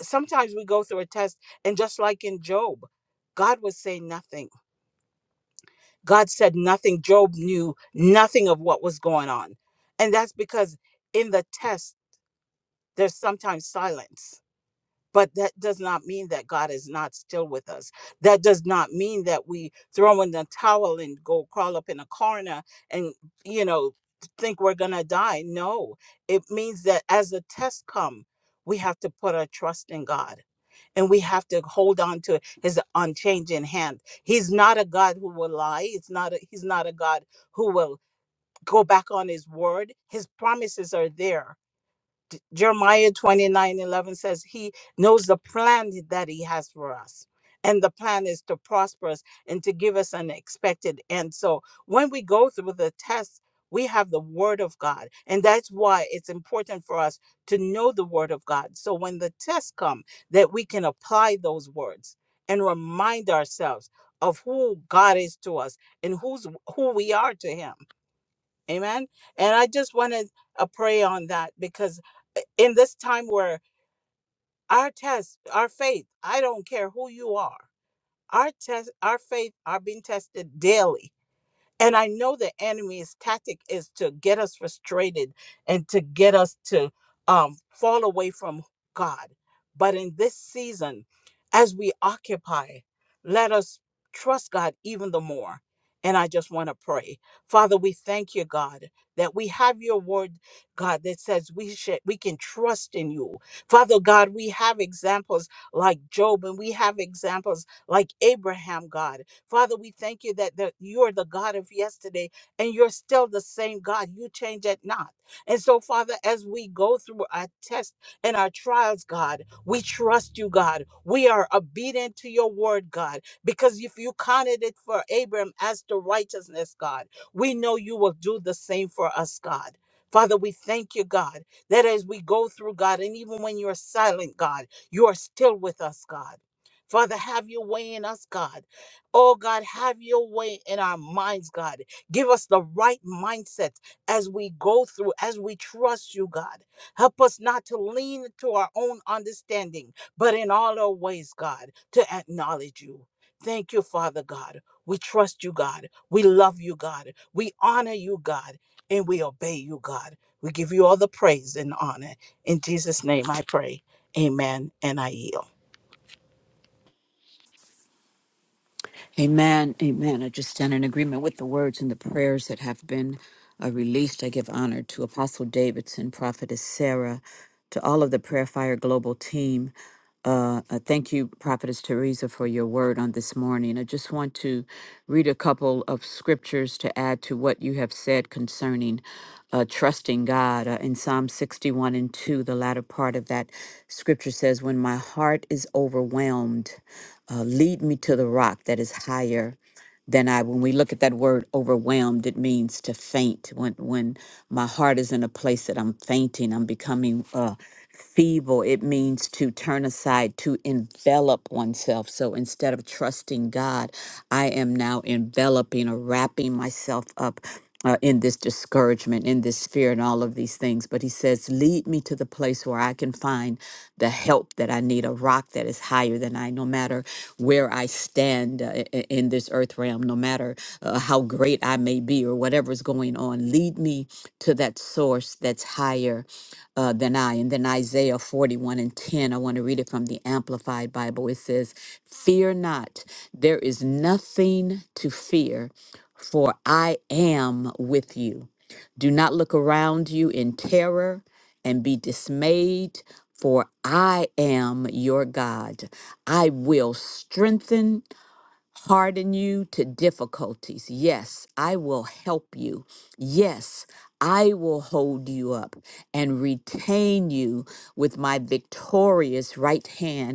Speaker 2: sometimes we go through a test, and just like in Job, God would say nothing God said nothing. Job knew nothing of what was going on. And that's because in the test, there's sometimes silence. But that does not mean that God is not still with us. That does not mean that we throw in the towel and go crawl up in a corner and, you know, think we're going to die. No, it means that as the tests come, we have to put our trust in God and we have to hold on to his unchanging hand he's not a god who will lie it's not a, he's not a god who will go back on his word his promises are there D- Jeremiah 29 11 says he knows the plan that he has for us. And the plan is to prosper us and to give us an expected end. So when we go through the test, we have the word of God. And that's why it's important for us to know the word of God. So when the tests come, that we can apply those words and remind ourselves of who God is to us and who's who we are to him Amen. And I just want to uh, pray on that because uh, in this time where our test, our faith, I don't care who you are, our test, our faith are being tested daily and I know the enemy's tactic is to get us frustrated and to get us to um, fall away from God. But in this season, as we occupy, let us trust God even the more. And I just want to pray. Father, we thank you, God, that we have your word, God, that says we should we can trust in you. Father God, we have examples like Job and we have examples like Abraham, God. Father, we thank you that the, you are the God of yesterday and you're still the same God. You change it not. And so, Father, as we go through our tests and our trials, God, we trust you, God. We are obedient to your word, God, because if you counted it for Abram as the righteousness, God, we know you will do the same for us, God. Father, we thank you, God, that as we go through, God, and even when you're silent, God, you are still with us, God. Father, have your way in us, God. Oh God, have your way in our minds, God. Give us the right mindset as we go through, as we trust you, God. Help us not to lean to our own understanding, but in all our ways, God, to acknowledge you. Thank you, Father God. We trust you, God. We love you, God. We honor you, God, and we obey you, God. We give you all the praise and honor. In Jesus' name I pray. Amen. And I yield.
Speaker 3: Amen. Amen. I just stand in agreement with the words and the prayers that have been uh, released. I give honor to Apostle Davidson, Prophetess Sarah, to all of the Prayer Fire Global team. Uh, uh, thank you, Prophetess Teresa, for your word on this morning. I just want to read a couple of scriptures to add to what you have said concerning uh, trusting God. Uh, in Psalm 61 and 2, the latter part of that scripture says, When my heart is overwhelmed, uh, lead me to the rock that is higher than I. When we look at that word overwhelmed, it means to faint. When when my heart is in a place that I'm fainting, I'm becoming uh, feeble. It means to turn aside, to envelop oneself. So instead of trusting God, I am now enveloping or wrapping myself up uh, in this discouragement, in this fear, and all of these things. But he says, Lead me to the place where I can find the help that I need, a rock that is higher than I, no matter where I stand uh, i- in this earth realm, no matter uh, how great I may be or whatever's going on. Lead me to that source that's higher uh, than I. And then Isaiah 41 and 10, I want to read it from the Amplified Bible. It says, Fear not, there is nothing to fear for I am with you. Do not look around you in terror and be dismayed, for I am your God. I will strengthen, harden you to difficulties. Yes, I will help you. Yes, I will hold you up and retain you with my victorious right hand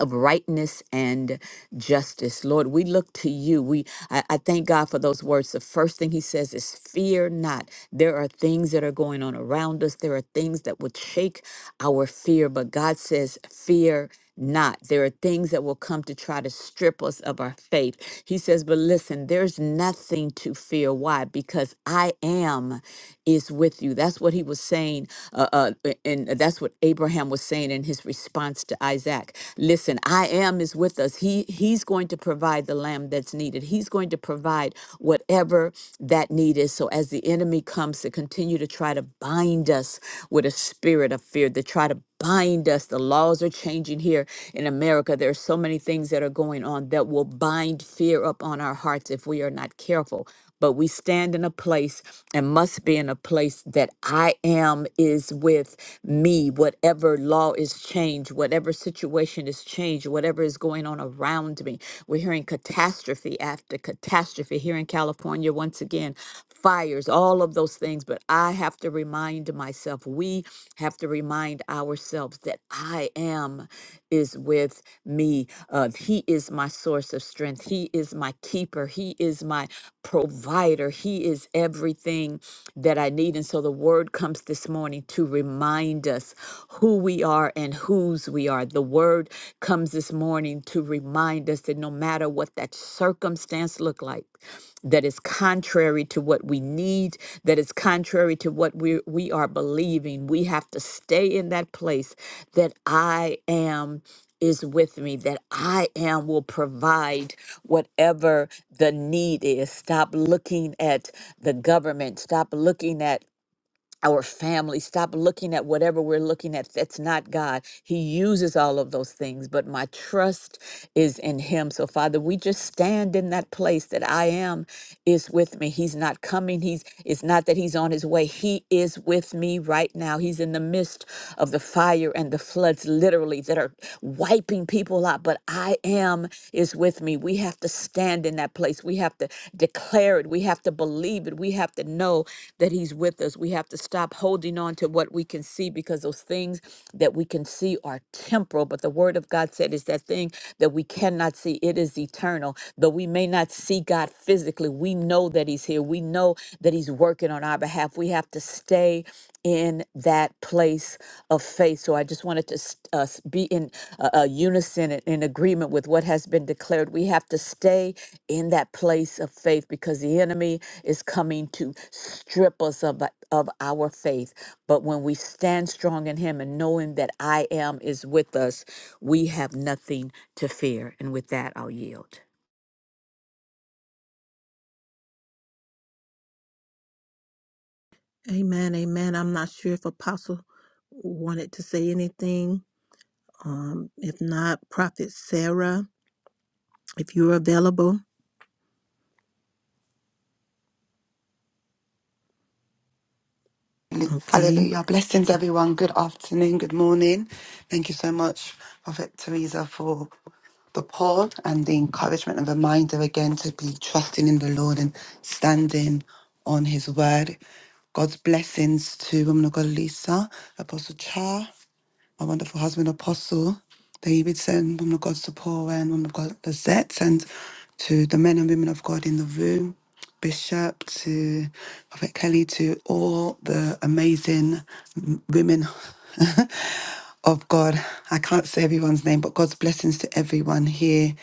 Speaker 3: of rightness and justice. Lord, we look to you. We I, I thank God for those words. The first thing he says is fear not. There are things that are going on around us. There are things that would shake our fear, but God says fear not. There are things that will come to try to strip us of our faith. He says, but listen, there's nothing to fear. Why? Because I am is with you. That's what he was saying uh, uh, a- and that's what Abraham was saying in his response to Isaac. Listen, I am is with us. He he's going to provide the lamb that's needed. He's going to provide whatever that need is. So as the enemy comes to continue to try to bind us with a spirit of fear, to try to bind us. The laws are changing here in America. There are so many things that are going on that will bind fear up on our hearts if we are not careful but we stand in a place and must be in a place that I am is with me. Whatever law is changed, whatever situation is changed, whatever is going on around me. We're hearing catastrophe after catastrophe here in California once again, fires, all of those things. But I have to remind myself, we have to remind ourselves that I am is with me. Uh, he is my source of strength. He is my keeper. He is my provider. He is everything that I need. And so the word comes this morning to remind us who we are and whose we are. The word comes this morning to remind us that no matter what that circumstance look like, that is contrary to what we need, that is contrary to what we we are believing. We have to stay in that place that I am is with me, that I am will provide whatever the need is. Stop looking at the government. Stop looking at our family. Stop looking at whatever we're looking at. That's not God. He uses all of those things, but my trust is in Him. So, Father, we just stand in that place that I am is with me. He's not coming. He's it's not that He's on His way. He is with me right now. He's in the midst of the fire and the floods, literally, that are wiping people out. But I am is with me. We have to stand in that place. We have to declare it. We have to believe it. We have to know that He's with us. We have to stop holding on to what we can see because those things that we can see are temporal. But the Word of God said is that thing that we cannot see, it is eternal. Though we may not see God physically, we know that He's here. We know that He's working on our behalf. We have to stay in that place of faith. So I just wanted to s- uh, s- be in uh, uh, unison and in agreement with what has been declared. We have to stay in that place of faith because the enemy is coming to strip us of, that- of our faith. But when we stand strong in him and knowing that I am is with us, we have nothing to fear. And with that, I'll yield.
Speaker 1: Amen, amen. I'm not sure if Apostle wanted to say anything. Um, if not, Prophet Sarah, if you're available, okay.
Speaker 4: Hallelujah. Blessings, everyone. Good afternoon. Good morning. Thank you so much, Prophet Teresa, for the pour and the encouragement and reminder again to be trusting in the Lord and standing on His word. God's blessings to Woman of God Lisa, Apostle Cha my wonderful husband, Apostle Davidson, woman of God, Sephora, and woman of God, Lizette, and to the men and women of God in the room, Bishop, to Prophet Kelly, to all the amazing m- women of God. I can't say everyone's name, but God's blessings to everyone here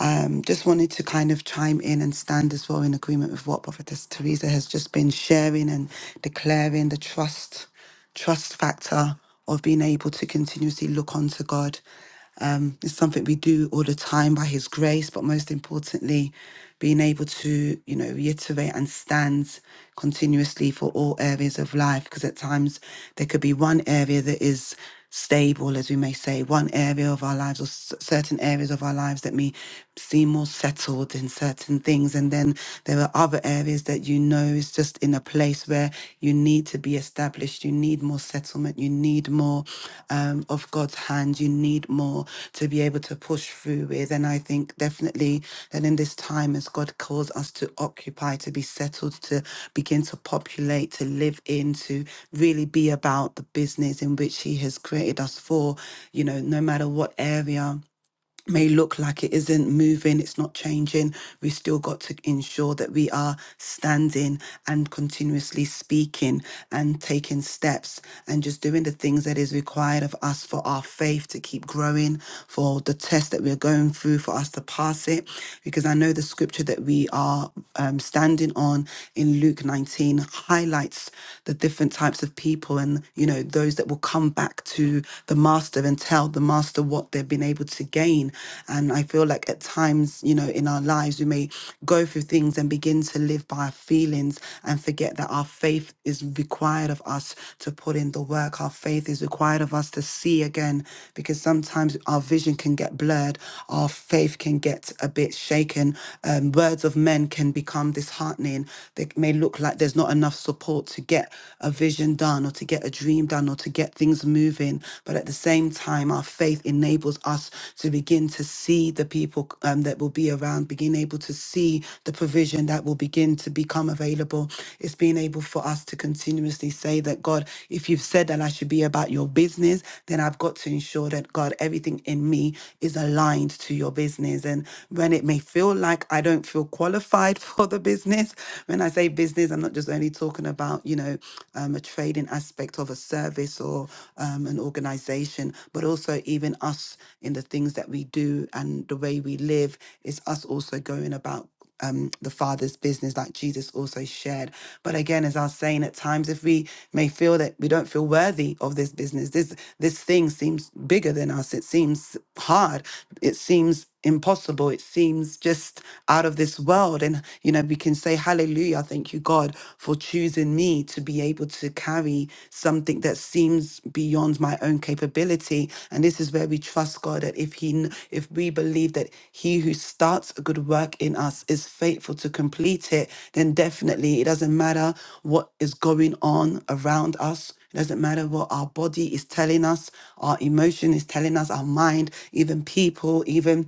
Speaker 4: um, just wanted to kind of chime in and stand as well in agreement with what Prophetess Teresa has just been sharing and declaring the trust, trust factor of being able to continuously look onto God. Um, it's something we do all the time by His grace, but most importantly, being able to, you know, reiterate and stand continuously for all areas of life. Because at times there could be one area that is stable, as we may say, one area of our lives or s- certain areas of our lives that may seem more settled in certain things. And then there are other areas that you know is just in a place where you need to be established, you need more settlement, you need more um, of God's hand, you need more to be able to push through with. And I think definitely that in this time, as God calls us to occupy, to be settled, to begin to populate, to live in, to really be about the business in which He has created us for, you know, no matter what area may look like it isn't moving, it's not changing, we still got to ensure that we are standing and continuously speaking and taking steps and just doing the things that is required of us for our faith to keep growing, for the test that we're going through, for us to pass it. Because I know the scripture that we are um, standing on in Luke 19 highlights the different types of people and, you know, those that will come back to the market master and tell the master what they've been able to gain. And I feel like at times, you know, in our lives, we may go through things and begin to live by our feelings and forget that our faith is required of us to put in the work. Our faith is required of us to see again because sometimes our vision can get blurred, our faith can get a bit shaken. Um, words of men can become disheartening. They may look like there's not enough support to get a vision done or to get a dream done or to get things moving. But at the same time, our faith enables us to begin to see the people um, that will be around, begin able to see the provision that will begin to become available. It's being able for us to continuously say that, God, if you've said that I should be about your business, then I've got to ensure that, God, everything in me is aligned to your business. And when it may feel like I don't feel qualified for the business, when I say business, I'm I'm not just only talking about, you know, um, a trading aspect of a service or um, an organization, but also even us in the things that we do and the way we live is us also going about um, the Father's business, like Jesus also shared. But again, as I was saying, at times if we may feel that we don't feel worthy of this business, this this thing seems bigger than us. It seems hard. It seems impossible. It seems just out of this world. And, you know, we can say, Hallelujah, thank you, God, for choosing me to be able to carry something that seems beyond my own capability. And this is where we trust God that if He, kn- if we believe that He who starts a good work in us is faithful to complete it, then definitely it doesn't matter what is going on around us. It doesn't matter what our body is telling us, our emotion is telling us, our mind, even people, even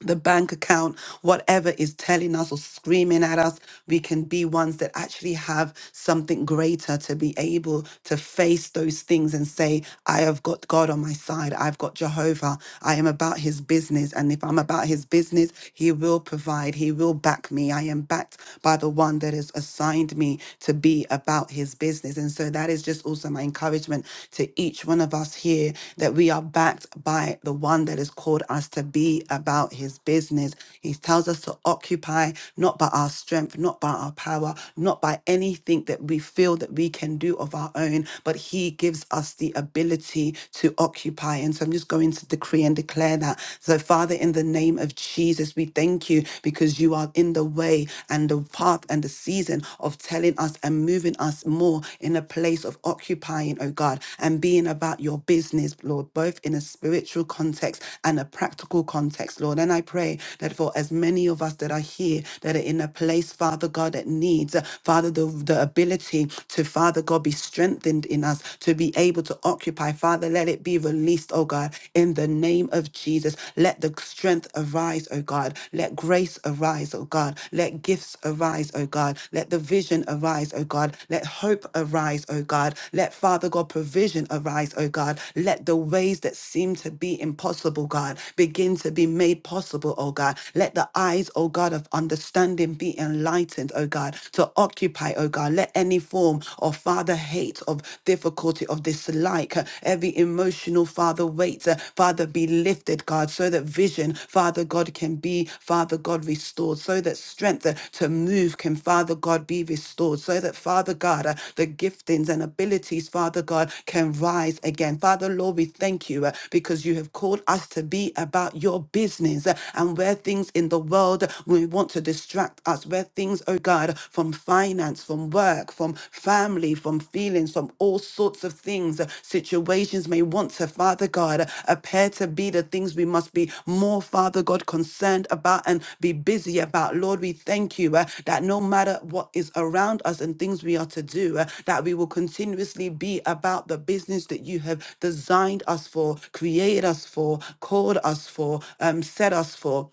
Speaker 4: the bank account, whatever is telling us or screaming at us, we can be ones that actually have something greater to be able to face those things and say, I have got God on my side. I've got Jehovah. I am about his business. And if I'm about his business, he will provide, he will back me. I am backed by the one that has assigned me to be about his business. And so that is just also my encouragement to each one one of us here that we are backed by the one that has called us to be about his business. He tells us to occupy not by our strength, not by our power, not by anything that we feel that we can do of our own, but he gives us the ability to occupy. And so I'm just going to decree and declare that. So, Father, in the name of Jesus, we thank you because you are in the way and the path and the season of of telling us and moving us more in a place of occupying, oh God, and being about your business, Lord, both in a spiritual context and a practical context, Lord. And I pray that for as many of us that are here that are in a place, Father God, that needs, uh, Father, the, the ability to, Father God, be strengthened in us to be able to occupy, Father, let it be released, oh God, in the name of Jesus. Let the strength arise arise, O God. Let grace arise, O God. Let gifts arise, O God. Let the vision arise, O God. Let hope arise, O God. Let Father God provision arise, O God. Let the ways that seem to be impossible, God, begin to be made possible, O God. Let the eyes, O God, of understanding be enlightened, O God, to occupy, O God. Let any form of Father hate, of difficulty, of dislike, every emotional, Father, weight, uh, Father, be lifted, God, so that vision, Father God, can be, Father God, restored, so that strength uh, to move can, Father God, be restored, so that, Father God, uh, the giftings and abilities, Father God, can rise again. Father, Lord, we thank you uh, because you have called us to be about your business uh, and where things in the world uh, we want to distract us, where things, oh God, from finances finance, from work, from family, from feelings, from all sorts of things. uh, Situations may want to, Father God, uh, appear to be the things we must be more, Father God, concerned about and be busy about. Lord, we thank you uh, that no matter what is around us and things we are to do, uh, that we will continuously be about the business that you have designed us for, created us for, called us for, um, set us for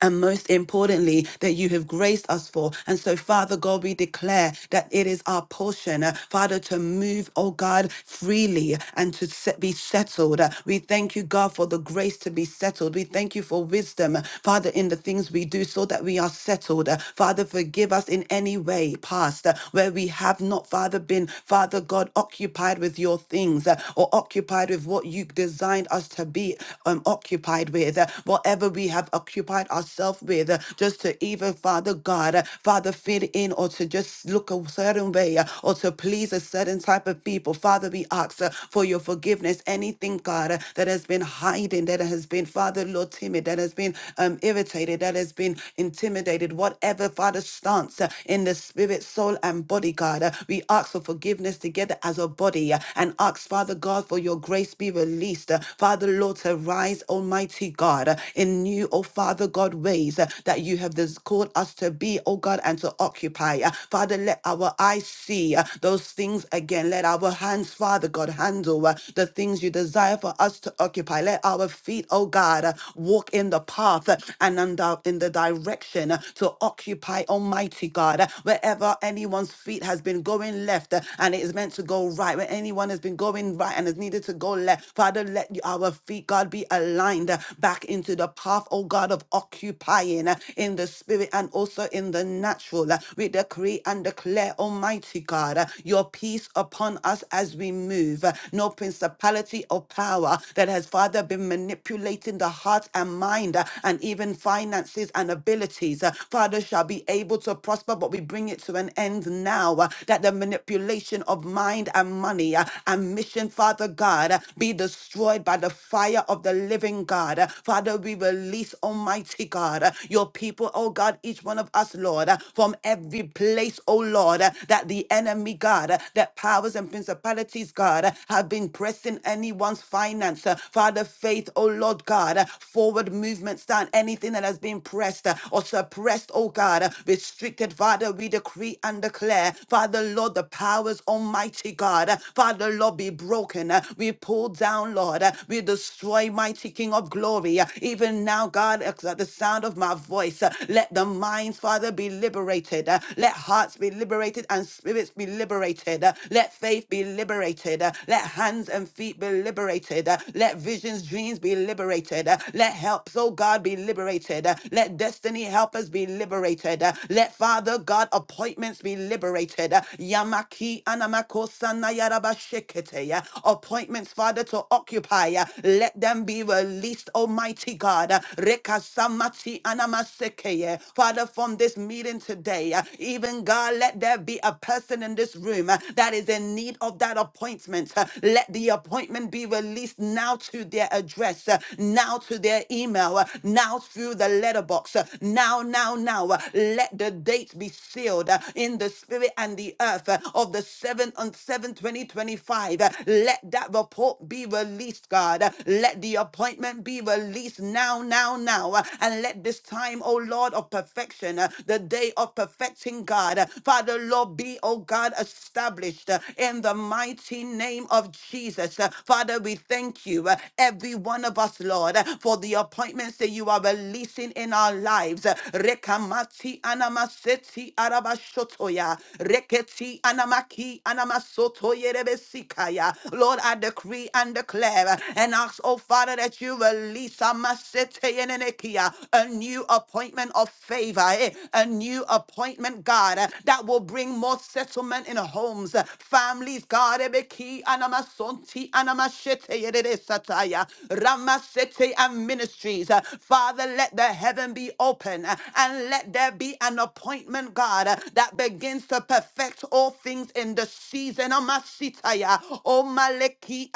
Speaker 4: and most importantly, that you have graced us for. And so, Father God, we declare that it is our portion, uh, Father, to move, oh God, freely and to set, be settled. Uh, We thank you, God, for the grace to be settled. We thank you for wisdom, uh, Father, in the things we do so that we are settled. Uh, Father, forgive us in any way past uh, where we have not, Father, been, Father God, occupied with your things uh, or occupied with what you designed us to be um, occupied with. Uh, Whatever we have occupied, preoccupied ourselves with, uh, just to even, Father God, uh, Father, fit in or to just look a certain way uh, or to please a certain type of people. Father, we ask uh, for your forgiveness. Anything, God, uh, that has been hiding, that has been, Father, Lord, timid, that has been um, irritated, that has been intimidated, whatever, Father, stance uh, in the spirit, soul, and body, God, uh, we ask for forgiveness together as a body uh, and ask, Father God, for your grace be released. uh, Father, Lord, to rise, Almighty God, uh, in new new, oh Father God, ways uh, that you have this called us to be, oh God, and to occupy. Uh, Father, let our eyes see uh, those things again. Let our hands, Father God, handle uh, the things you desire for us to occupy. Let our feet, oh God, uh, walk in the path uh, and in the in the direction uh, to occupy, Almighty God. Uh, Wherever anyone's feet has been going left uh, and it is meant to go right, where anyone has been going right and has needed to go left, Father, let our feet, God, be aligned uh, back into to the path, oh God, of occupying uh, in the spirit and also in the natural. uh, We decree and declare, Almighty God, uh, your peace upon us as we move. uh, No principality or power that has, Father, been manipulating the heart and mind uh, and even finances and abilities, uh, Father, shall be able to prosper, but we bring it to an end now uh, that the manipulation of mind and money uh, and mission, Father God, uh, be destroyed by the fire of the living God. Uh, Father, we release, Almighty God, uh, your people, oh God, each one of us, Lord, uh, from every place, oh Lord, uh, that the enemy, God, uh, that powers and principalities, God, uh, have been pressing anyone's finance. uh, Father, faith, oh Lord God, uh, forward movement stand, anything that has been pressed uh, or suppressed, oh God, uh, restricted, Father, we decree and declare, Father, Lord, the powers, Almighty God, uh, Father, Lord, be broken. uh, We pull down, Lord, uh, we destroy, mighty King. King of glory. Uh, Even now, God, at the sound of my voice, uh, let the minds, Father, be liberated. Uh, Let hearts be liberated and spirits be liberated. Uh, Let faith be liberated. Uh, Let hands and feet be liberated. Uh, Let visions, dreams be liberated. Uh, Let helps, oh God, be liberated. Uh, Let destiny helpers be liberated. Uh, Let Father God appointments be liberated. Uh, Yamaki Anamako Sanayarabashikete. Appointments, Father, to occupy. uh, Let them be can be released, Almighty God. Rekasamati anamasekeye. Father, from this meeting today, uh, even God, let there be a person in this room uh, that is in need of that appointment. Uh, Let the appointment be released now to their address, uh, now to their email, uh, now through the letterbox, uh, now, now, now. uh, Let the date be sealed uh, in the spirit and the earth uh, of the 7th on seventh, 2025. Let that report be released, God. Uh, let the appointment be released now, now, now. uh, And let this time, oh Lord of perfection, uh, the day of perfecting God, uh, Father, Lord, be, oh God, established uh, in the mighty name of Jesus. Uh, Father, we thank you, uh, every one of us, Lord, uh, for the appointments that you are releasing in our lives. Uh, Rekamati anamaseti arabashotoya. Reketi anamaki anamasotoyerebesikaya. Lord, I decree and declare uh, and ask, oh Father, that you release Amasete Yenenekia, a new appointment of favor, eh, a new appointment, God, eh, that will bring more settlement in homes, eh, families, God, Ebeki, Anamasonti, Anamashete Yedede Sataya, Ramasete and ministries. eh. Father, let the heaven be open eh, and let there be an appointment, God, eh, that begins to perfect all things in the season. Amasitaya, O Maleki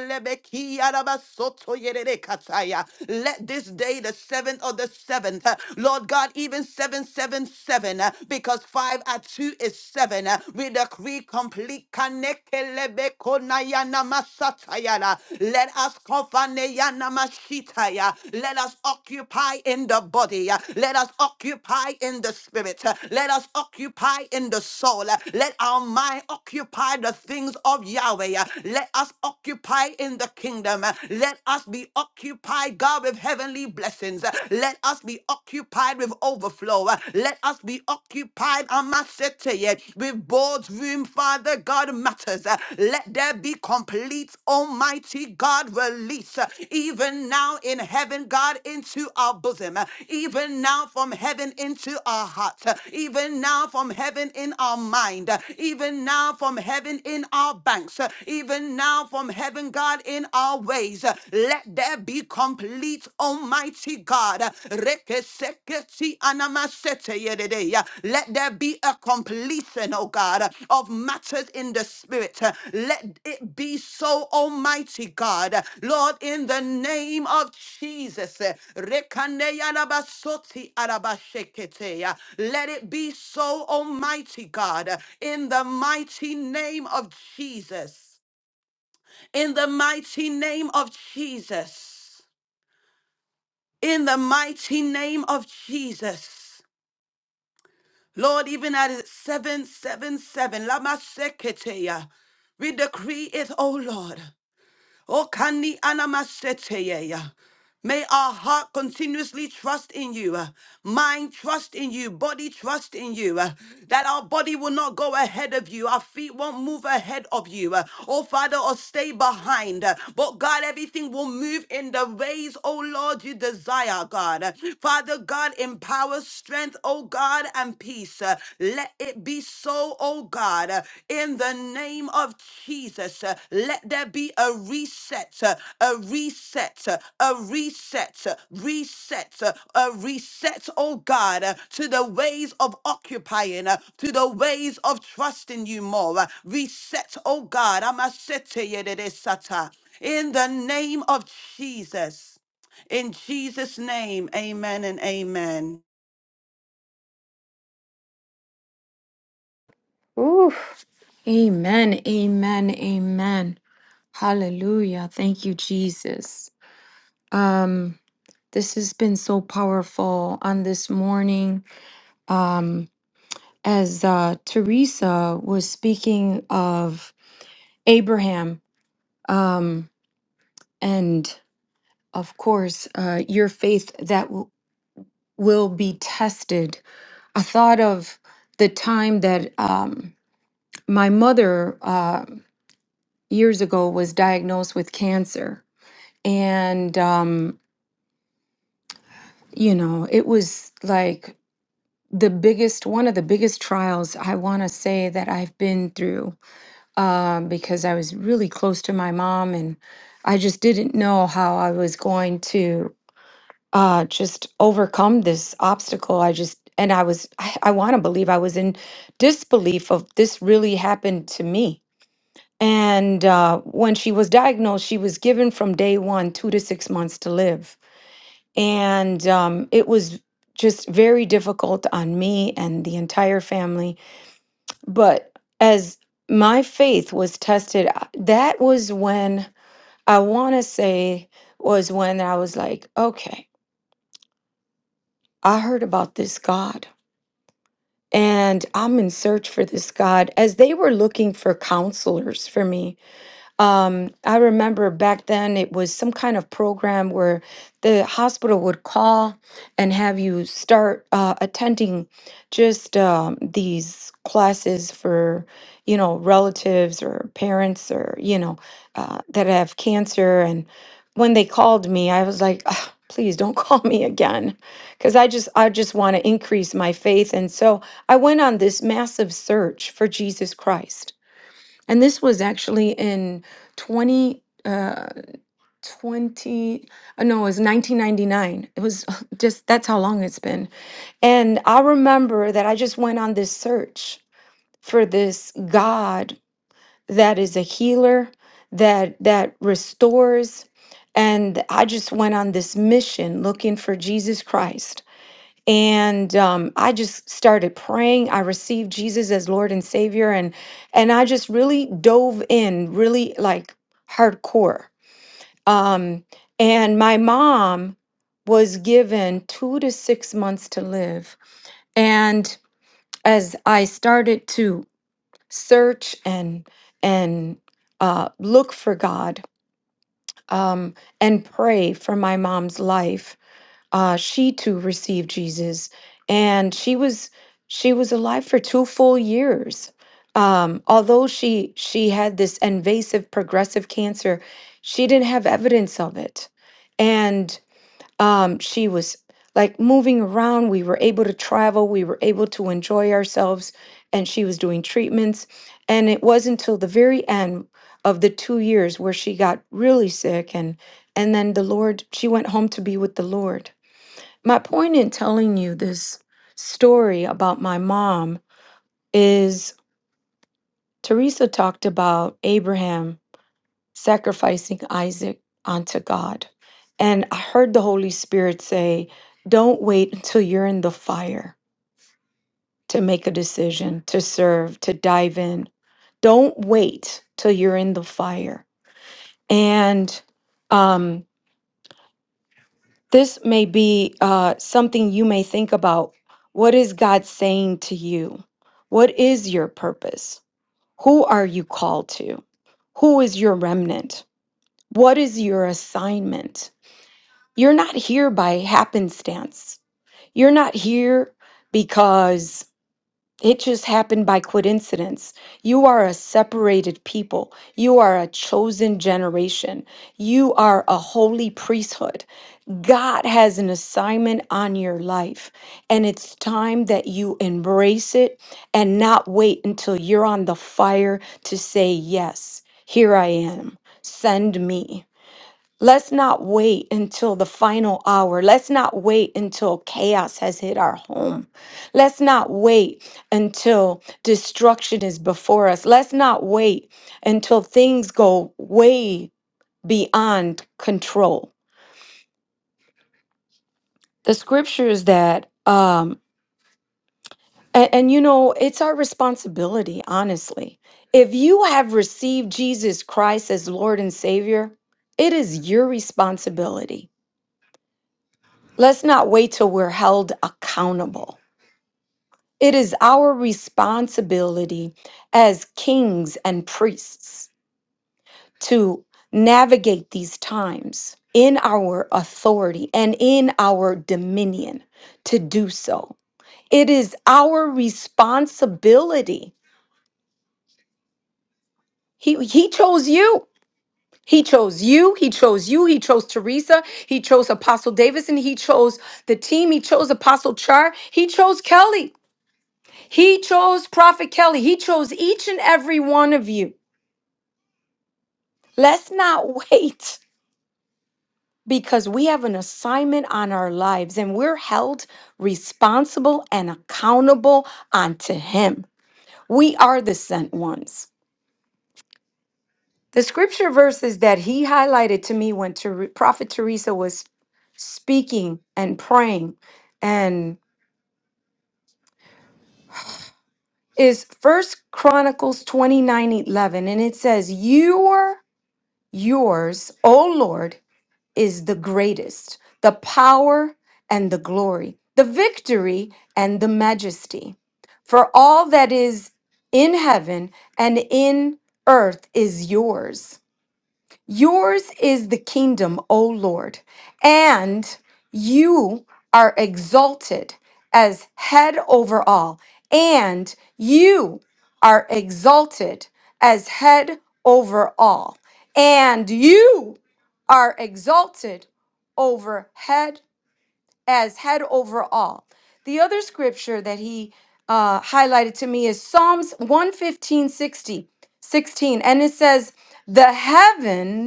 Speaker 4: Kelebeki Arabasoto Yerere Kataya. Let this day, the seventh of the seventh, uh, Lord God, even 777, uh, because five at two is seven, uh, we decree complete Kanekelebeko Nayana Masatayana. Let us Kofaneyana Mashitaya. Let us occupy in the body. uh, Let us occupy in the spirit. uh, Let us occupy in the soul. uh, Let our mind occupy the things of Yahweh. uh, Let us occupy in the kingdom. Let us be occupied, God, with heavenly blessings. Let us be occupied with overflow. Let us be occupied, Amasete, with boardroom, Father God, matters. Let there be complete, Almighty God, release, even now in heaven, God, into our bosom, even now from heaven into our hearts, even now from heaven in our mind, even now from heaven in our banks, even now from heaven, God, in our ways. Let there be complete, Almighty God. Rekeseketi anamasete yededeya. Let there be a completion, oh God, of matters in the spirit. Let it be so, Almighty God. Lord, in the name of Jesus. Rekaneya rabasoti arabasheketeya. Let it be so, Almighty God, in the mighty name of Jesus in the mighty name of Jesus. In the mighty name of Jesus. Lord, even at 777, Lama Seketeya, we decree it, O Lord. O kani anamaseteye ya. May our heart continuously trust in you, uh, mind trust in you, body trust in you, uh, that our body will not go ahead of you, our feet won't move ahead of you, uh, oh Father, or stay behind. uh, but God, everything will move in the ways, oh Lord, you desire, God. Uh, Father, God, empower strength, oh God, and peace. Uh, let it be so, oh God, uh, in the name of Jesus. uh, Let there be a reset, uh, a reset, uh, a reset, uh, reset, uh, a reset, oh God, uh, to the ways of occupying, uh, to the ways of trusting you more. uh, Reset, oh God. Amasete yededesata. In the name of Jesus. In Jesus' name, amen and amen.
Speaker 5: Oof. Amen. Amen. Amen. Hallelujah. Thank you, Jesus. Um, this has been so powerful on this morning. Um, as uh, Teresa was speaking of Abraham, um, and of course, uh, your faith that w- will be tested. I thought of the time that um, my mother uh, years ago was diagnosed with cancer and um, you know it was like the biggest one of the biggest trials i want to say that i've been through um, because i was really close to my mom and i just didn't know how i was going to uh, just overcome this obstacle i just and i was i, I want to believe i was in disbelief of this really happened to me and uh, when she was diagnosed she was given from day one two to six months to live and um, it was just very difficult on me and the entire family. But as my faith was tested, I- that was when I want to say was when I was like, okay, I heard about this God and I'm in search for this God. As they were looking for counselors for me, Um, I remember back then it was some kind of program where the hospital would call and have you start uh, attending just um, these classes for, you know, relatives or parents or, you know, uh, that have cancer. And when they called me, I was like, "Ugh, please don't call me again because I just I just want to increase my faith. And so I went on this massive search for Jesus Christ and this was actually in 20 uh 20 uh, no it was 1999 it was just that's how long it's been and i remember that i just went on this search for this god that is a healer that that restores and i just went on this mission looking for jesus christ and um, I just started praying. I received Jesus as Lord and Savior, and and I just really dove in, really like hardcore. Um, and my mom was given two to six months to live, and as I started to search and and uh, look for God um, and pray for my mom's life, uh, she too received Jesus, and she was she was alive for two full years. Um, although she she had this invasive progressive cancer, she didn't have evidence of it, and um, she was like moving around. We were able to travel. We were able to enjoy ourselves, and she was doing treatments. And it wasn't until the very end of the two years where she got really sick, and and then the Lord she went home to be with the Lord my point in telling you this story about my mom is Teresa talked about Abraham sacrificing Isaac unto God. And I heard the Holy Spirit say, Don't wait until you're in the fire to make a decision, to serve, to dive in. Don't wait till you're in the fire. And um, This may be uh, something you may think about. What is God saying to you? What is your purpose? Who are you called to? Who is your remnant? What is your assignment? You're not here by happenstance. You're not here because it just happened by coincidence. You are a separated people. You are a chosen generation. You are a holy priesthood. God has an assignment on your life, and it's time that you embrace it and not wait until you're on the fire to say, Yes, here I am, send me. Let's not wait until the final hour. Let's not wait until chaos has hit our home. Let's not wait until destruction is before us. Let's not wait until things go way beyond control. the scriptures that um and, and you know it's our responsibility honestly if you have received jesus christ as lord and savior it is your responsibility let's not wait till we're held accountable it is our responsibility as kings and priests to navigate these times in our authority and in our dominion to do so It is our responsibility. He he chose you. He chose you. He chose you. He chose Teresa. He chose Apostle Davidson. He chose the team. He chose Apostle Char. He chose Kelly. He chose Prophet Kelly. He chose each and every one of you. Let's not wait because we have an assignment on our lives and we're held responsible and accountable unto Him. We are the sent ones. The scripture verses that he highlighted to me when Ter- Prophet Teresa was speaking and praying and is First Chronicles 29 11, And it says, Your, yours, O Lord, is the greatest, the power and the glory, the victory and the majesty. For all that is in heaven and in earth is yours. Yours is the kingdom, O Lord, and you are exalted as head over all, and you are exalted as head over all, and you are exalted over head as head over all. The other scripture that he uh, highlighted to me is Psalms one fifteen sixty sixteen, and it says, The heavens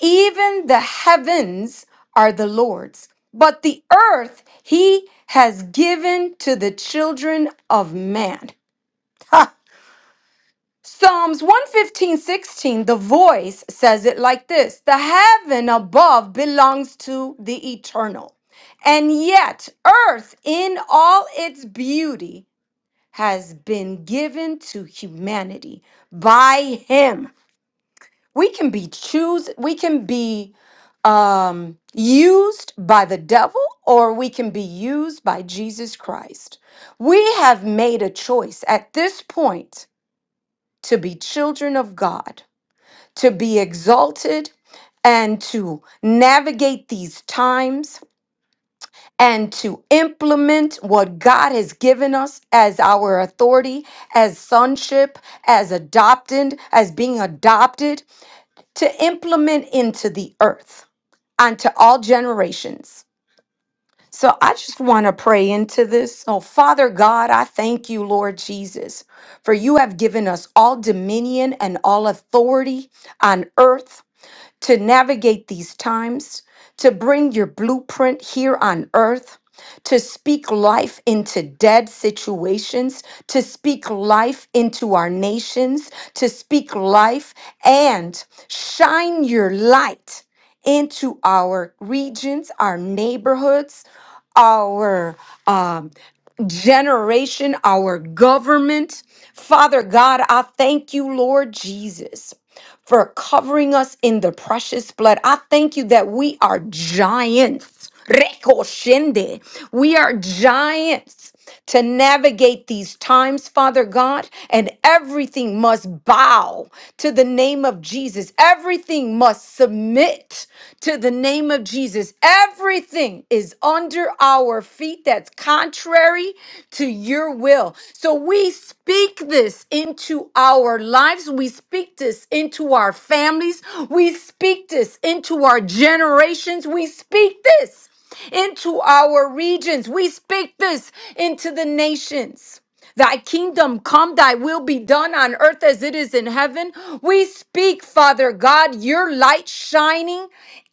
Speaker 5: even the heavens are the Lord's, but the earth he has given to the children of man. Ha! Psalms one fifteen sixteen. the voice says it like this The heaven above belongs to the eternal, and yet earth in all its beauty has been given to humanity by him we can be choose we can be um used by the devil or we can be used by Jesus Christ. We have made a choice at this point to be children of God, to be exalted and to navigate these times and to implement what God has given us as our authority, as sonship, as adopted, as being adopted to implement into the earth unto all generations. So I just want to pray into this. Oh, Father God, I thank you, Lord Jesus, for you have given us all dominion and all authority on earth to navigate these times, to bring your blueprint here on earth, to speak life into dead situations, to speak life into our nations, to speak life and shine your light into our regions, our neighborhoods, our um, generation, our government. Father God, I thank you, Lord Jesus, for covering us in the precious blood. I thank you that we are giants. Rekoshende. We are giants to navigate these times, Father God, and everything must bow to the name of Jesus. Everything must submit submit to the name of Jesus. Everything is under our feet that's contrary to your will. So we speak this into our lives. We speak this into our families. We speak this into our generations. We speak this into our regions. We speak this into the nations. Thy kingdom come, thy will be done on earth as it is in heaven. We speak, Father God, your light shining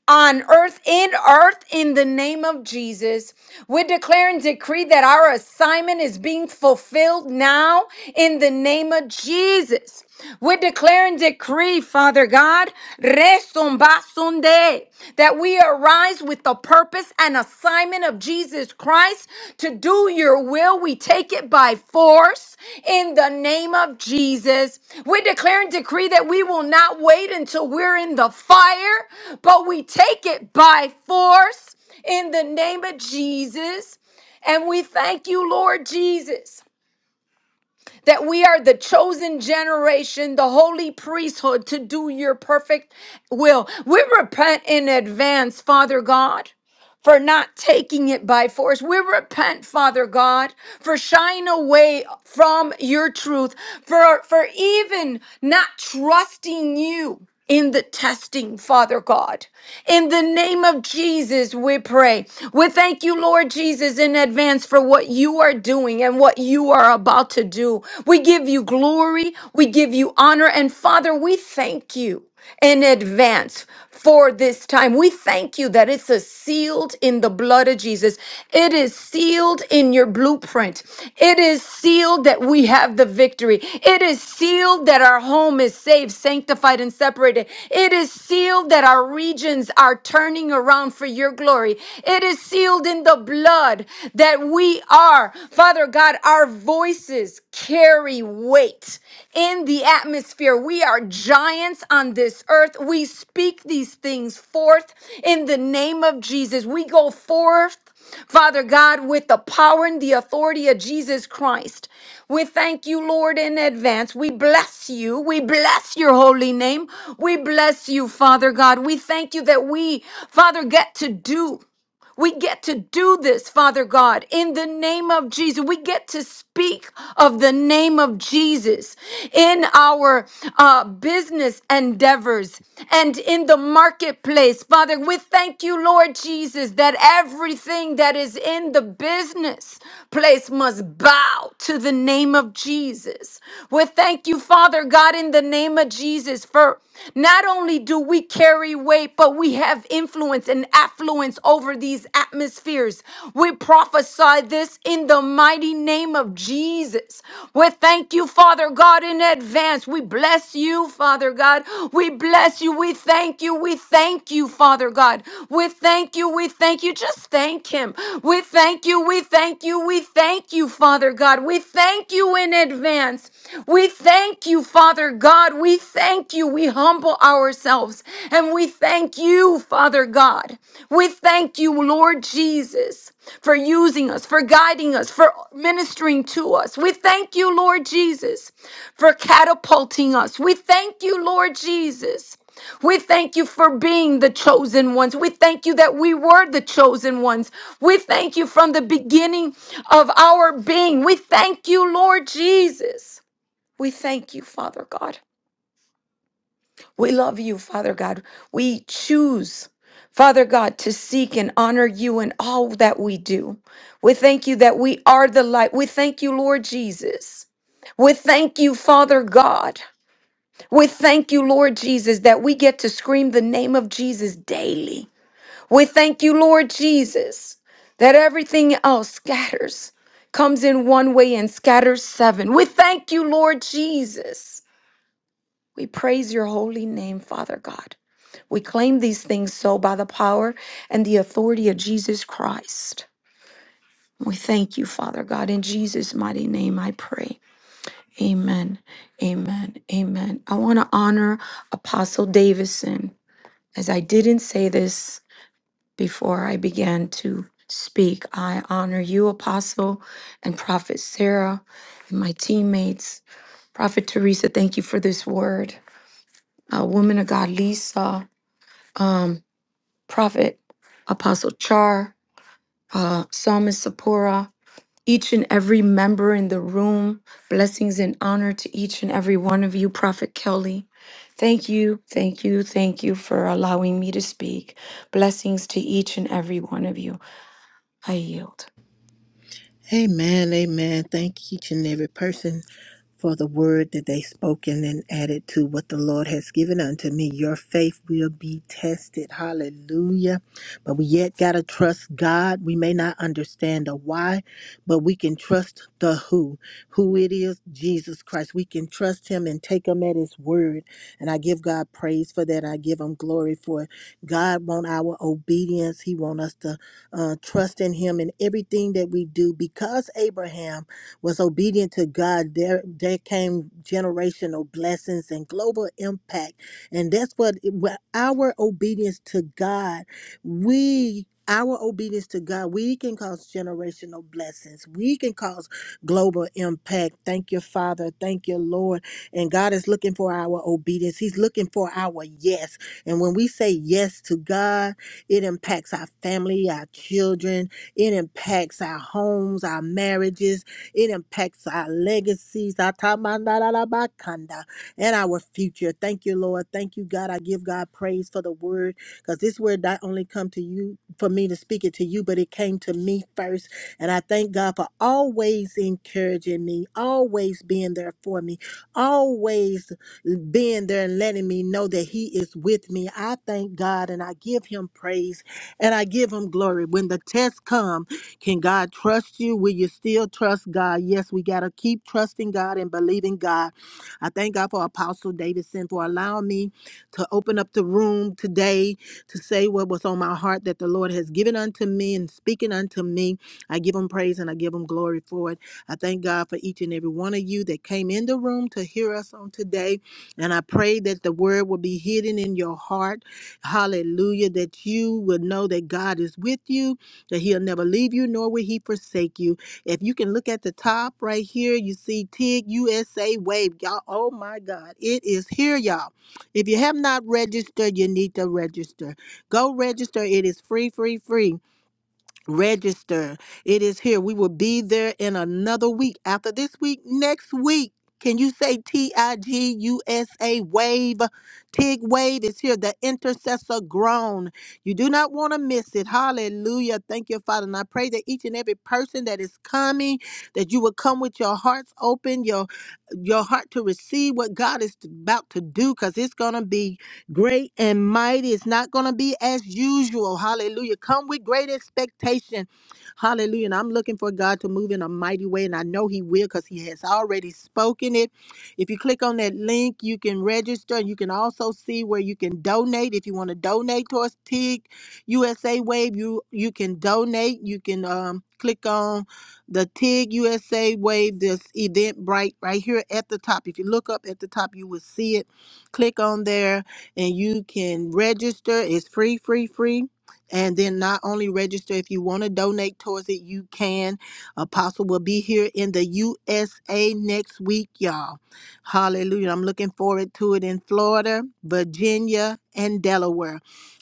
Speaker 5: on earth, in earth, in the name of Jesus. We declare and decree that our assignment is being fulfilled now in the name of Jesus. We declare and decree, Father God. Resumbasunde, that we arise with the purpose and assignment of Jesus Christ to do your will. We take it by force in the name of Jesus. We declare and decree that we will not wait until we're in the fire, but we take it by force in the name of Jesus. And we thank you, Lord Jesus that we are the chosen generation, the holy priesthood to do your perfect will. We repent in advance, Father God for not taking it by force. We repent, Father God, for shying away from your truth, for, for even not trusting you in the testing, Father God. In the name of Jesus, we pray. We thank you, Lord Jesus, in advance for what you are doing and what you are about to do. We give you glory, we give you honor, and Father, we thank you in advance for this time. We thank you that it's a sealed in the blood of Jesus. It is sealed in your blueprint. It is sealed that we have the victory. It is sealed that our home is saved, sanctified, and separated. It is sealed that our regions are turning around for your glory. It is sealed in the blood that we are, Father God, our voices carry weight in the atmosphere. We are giants on this earth. We speak these things forth in the name of Jesus. We go forth, Father God, with the power and the authority of Jesus Christ. We thank you, Lord, in advance. We bless you. We bless your holy name. We bless you, Father God. We thank you that we, Father, get to do. We get to do this, Father God, in the name of Jesus. We get to speak of the name of Jesus in our uh, business endeavors and in the marketplace. Father, we thank you, Lord Jesus, that everything that is in the business place must bow to the name of Jesus. We thank you, Father God, in the name name of Jesus. For not only do we carry weight, but we have influence and affluence over these atmospheres. We prophesy this in the mighty name of Jesus. We thank you, Father God, in advance. We bless you, Father God. We bless you. We thank you. We thank you, Father God. We thank you. We thank you. Just thank Him. We thank you. We thank you. We thank you, Father God. We thank you in advance. We thank you, Father God. We thank you. We humble ourselves and we thank you, Father God. We thank you, Lord Jesus, for using us, for guiding us, for ministering to us. We thank you, Lord Jesus, for catapulting us. We thank you, Lord Jesus. We thank you for being the chosen ones. We thank you that we were the chosen ones. We thank you from the beginning of our being. We thank you, Lord Jesus. We thank you, Father God. We love you, Father God. We choose, Father God, to seek and honor you in all that we do. We thank you that we are the light. We thank you, Lord Jesus. We thank you, Father God. We thank you, Lord Jesus, that we get to scream the name of Jesus daily. We thank you, Lord Jesus, that everything else scatters, comes in one way and scatters seven. We thank you, Lord Jesus. We praise your holy name, Father God. We claim these things so by the power and the authority of Jesus Christ. We thank you, Father God. In Jesus' mighty name, I pray. Amen. Amen. Amen. I want to honor Apostle Davison. As I didn't say this, Before I began to speak, I honor you, Apostle and Prophet Sarah, and my teammates. Prophet Teresa, thank you for this word. Uh, woman of God, Lisa, um, Prophet Apostle Char, uh, Psalmist Sapora, each and every member in the room. Blessings and honor to each and every one of you, Prophet Kelly. Thank you, thank you, thank you for allowing me to speak. Blessings to each and every one of you. I yield.
Speaker 1: Amen, amen. Thank each and every person for the word that they spoken and added to what the Lord has given unto me. Your faith will be tested. Hallelujah. But we yet got to trust God. We may not understand the why, but we can trust the who. Who it is, Jesus Christ. We can trust him and take him at his word. And I give God praise for that. I give him glory for it. God want our obedience. He want us to uh, trust in Him in everything that we do. Because Abraham was obedient to God, there there came generational blessings and global impact, and that's what what our obedience to God, we. Our obedience to God, we can cause generational blessings. We can cause global impact. Thank you, Father. Thank you, Lord. And God is looking for our obedience. He's looking for our yes. And when we say yes to God, it impacts our family, our children. It impacts our homes, our marriages. It impacts our legacies. our Atamandarabakanda, And our future. Thank you, Lord. Thank you, God. I give God praise for the word because this word not only come to you for me to speak it to you, but it came to me first. And I thank God for always encouraging me, always being there for me, always being there and letting me know that He is with me. I thank God and I give Him praise and I give Him glory. When the tests come, can God trust you? Will you still trust God? Yes, we got to keep trusting God and believing God. I thank God for Apostle Davidson for allowing me to open up the room today to say what was on my heart that the Lord has given unto me and speaking unto me. I give Him praise and I give Him glory for it. I thank God for each and every one of you that came in the room to hear us on today. And I pray that the word will be hidden in your heart. Hallelujah. That you will know that God is with you, that He'll never leave you, nor will He forsake you. If you can look at the top right here, you see TIG USA Wave. Y'all, oh my God, it is here, y'all. If you have not registered, you need to register. Go register. It is free, free, free. Register. It is here. We will be there in another week. After this week, next week. Can you say T I G U S A wave? TIG wave is here. The intercessor groan. You do not want to miss it. Hallelujah. Thank you, Father. And I pray that each and every person that is coming, that you will come with your hearts open, your your heart to receive what God is about to do because it's going to be great and mighty. It's not going to be as usual. Hallelujah. Come with great expectation. Hallelujah. And I'm looking for God to move in a mighty way, and I know He will because He has already spoken it. If you click on that link, you can register. You can also see where you can donate. If you want to donate towards TIG USA Wave, you, you can donate. You can um, click on the TIG USA Wave, this event right, right here at the top. If you look up at the top, you will see it. Click on there and you can register. It's free, free, free. And then not only register, if you want to donate towards it, you can. Apostle will be here in the USA next week, y'all. Hallelujah. I'm looking forward to it in Florida, Virginia, and Delaware.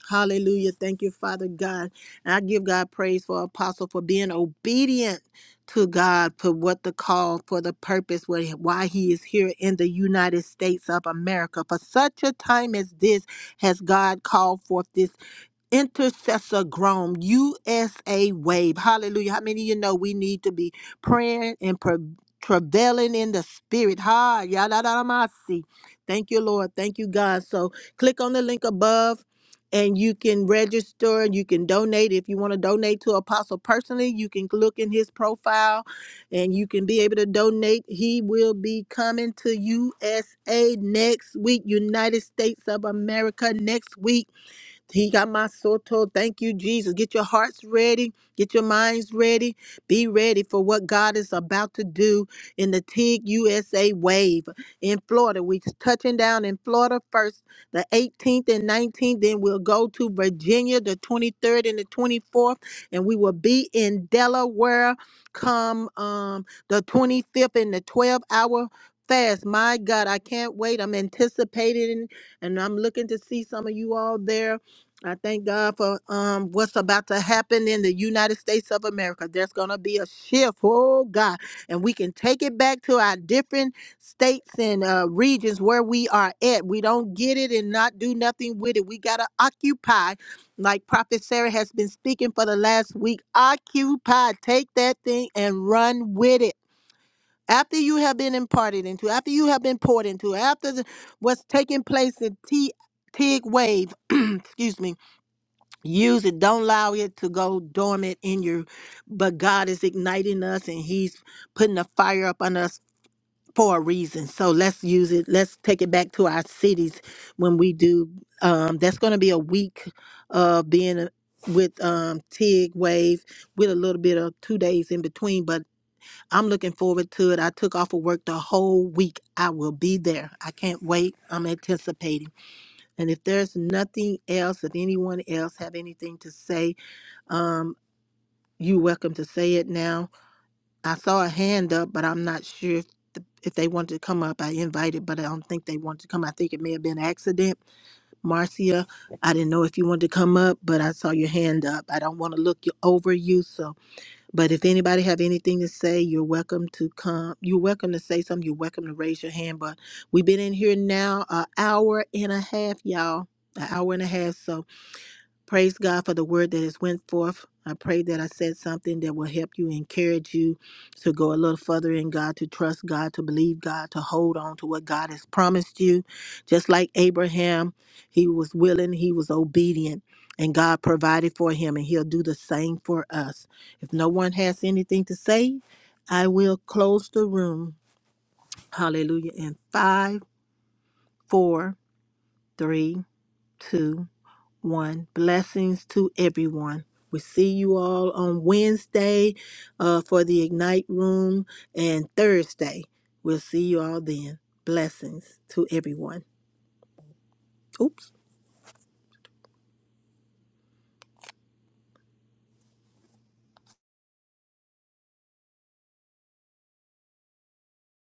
Speaker 1: Hallelujah. Thank you, Father God. And I give God praise for Apostle for being obedient to God for what the call, for the purpose, what, why He is here in the United States of America. For such a time as this has God called forth this Intercessor Grown USA Wave. Hallelujah. How many of you know we need to be praying and pre- prevailing in the spirit? Ha, yadadamasi. Thank you, Lord. Thank you, God. So click on the link above and you can register. You can donate. If you want to donate to Apostle personally, you can look in his profile and you can be able to donate. He will be coming to USA next week, United States of America next week. He got my soto. Thank you, Jesus. Get your hearts ready. Get your minds ready. Be ready for what God is about to do in the TIG USA wave in Florida. We're touching down in Florida first, the 18th and 19th. Then we'll go to Virginia, the 23rd and the 24th. And we will be in Delaware come um, the 25th and the 12 hour fast. My God, I can't wait. I'm anticipating and I'm looking to see some of you all there. I thank God for um what's about to happen in the United States of America. There's gonna be a shift, oh God, and we can take it back to our different states and uh, regions where we are at. We don't get it and not do nothing with it. We gotta occupy, like Prophet Sarah has been speaking for the last week. Occupy, take that thing and run with it. After you have been imparted into, after you have been poured into, after the, what's taking place in T Tig Wave, excuse me Use it. Don't allow it to go dormant in you. But God is igniting us and He's putting a fire up on us for a reason. So let's use it. Let's take it back to our cities when we do. Um, that's going to be a week of being uh, with um, TIG Wave with a little bit of two days in between. But I'm looking forward to it. I took off of work the whole week. I will be there. I can't wait. I'm anticipating. And if there's nothing else, if anyone else have anything to say, um, you welcome to say it now. I saw a hand up, but I'm not sure if, the, if they wanted to come up. I invited, but I don't think they wanted to come. I think it may have been accident. Marcia, I didn't know if you wanted to come up, but I saw your hand up. I don't want to look you, over you, so. But if anybody have anything to say, you're welcome to come. You're welcome to say something. You're welcome to raise your hand. But we've been in here now an hour and a half, y'all. An hour and a half, so Praise God for the word that has went forth. I pray that I said something that will help you, encourage you to go a little further in God, to trust God, to believe God, to hold on to what God has promised you. Just like Abraham, he was willing, he was obedient, and God provided for him, and he'll do the same for us. If no one has anything to say, I will close the room. Hallelujah. In five, four, three, two, one. Blessings to everyone. We see you all on Wednesday uh, for the Ignite Room and Thursday. We'll see you all then. Blessings to everyone. Oops.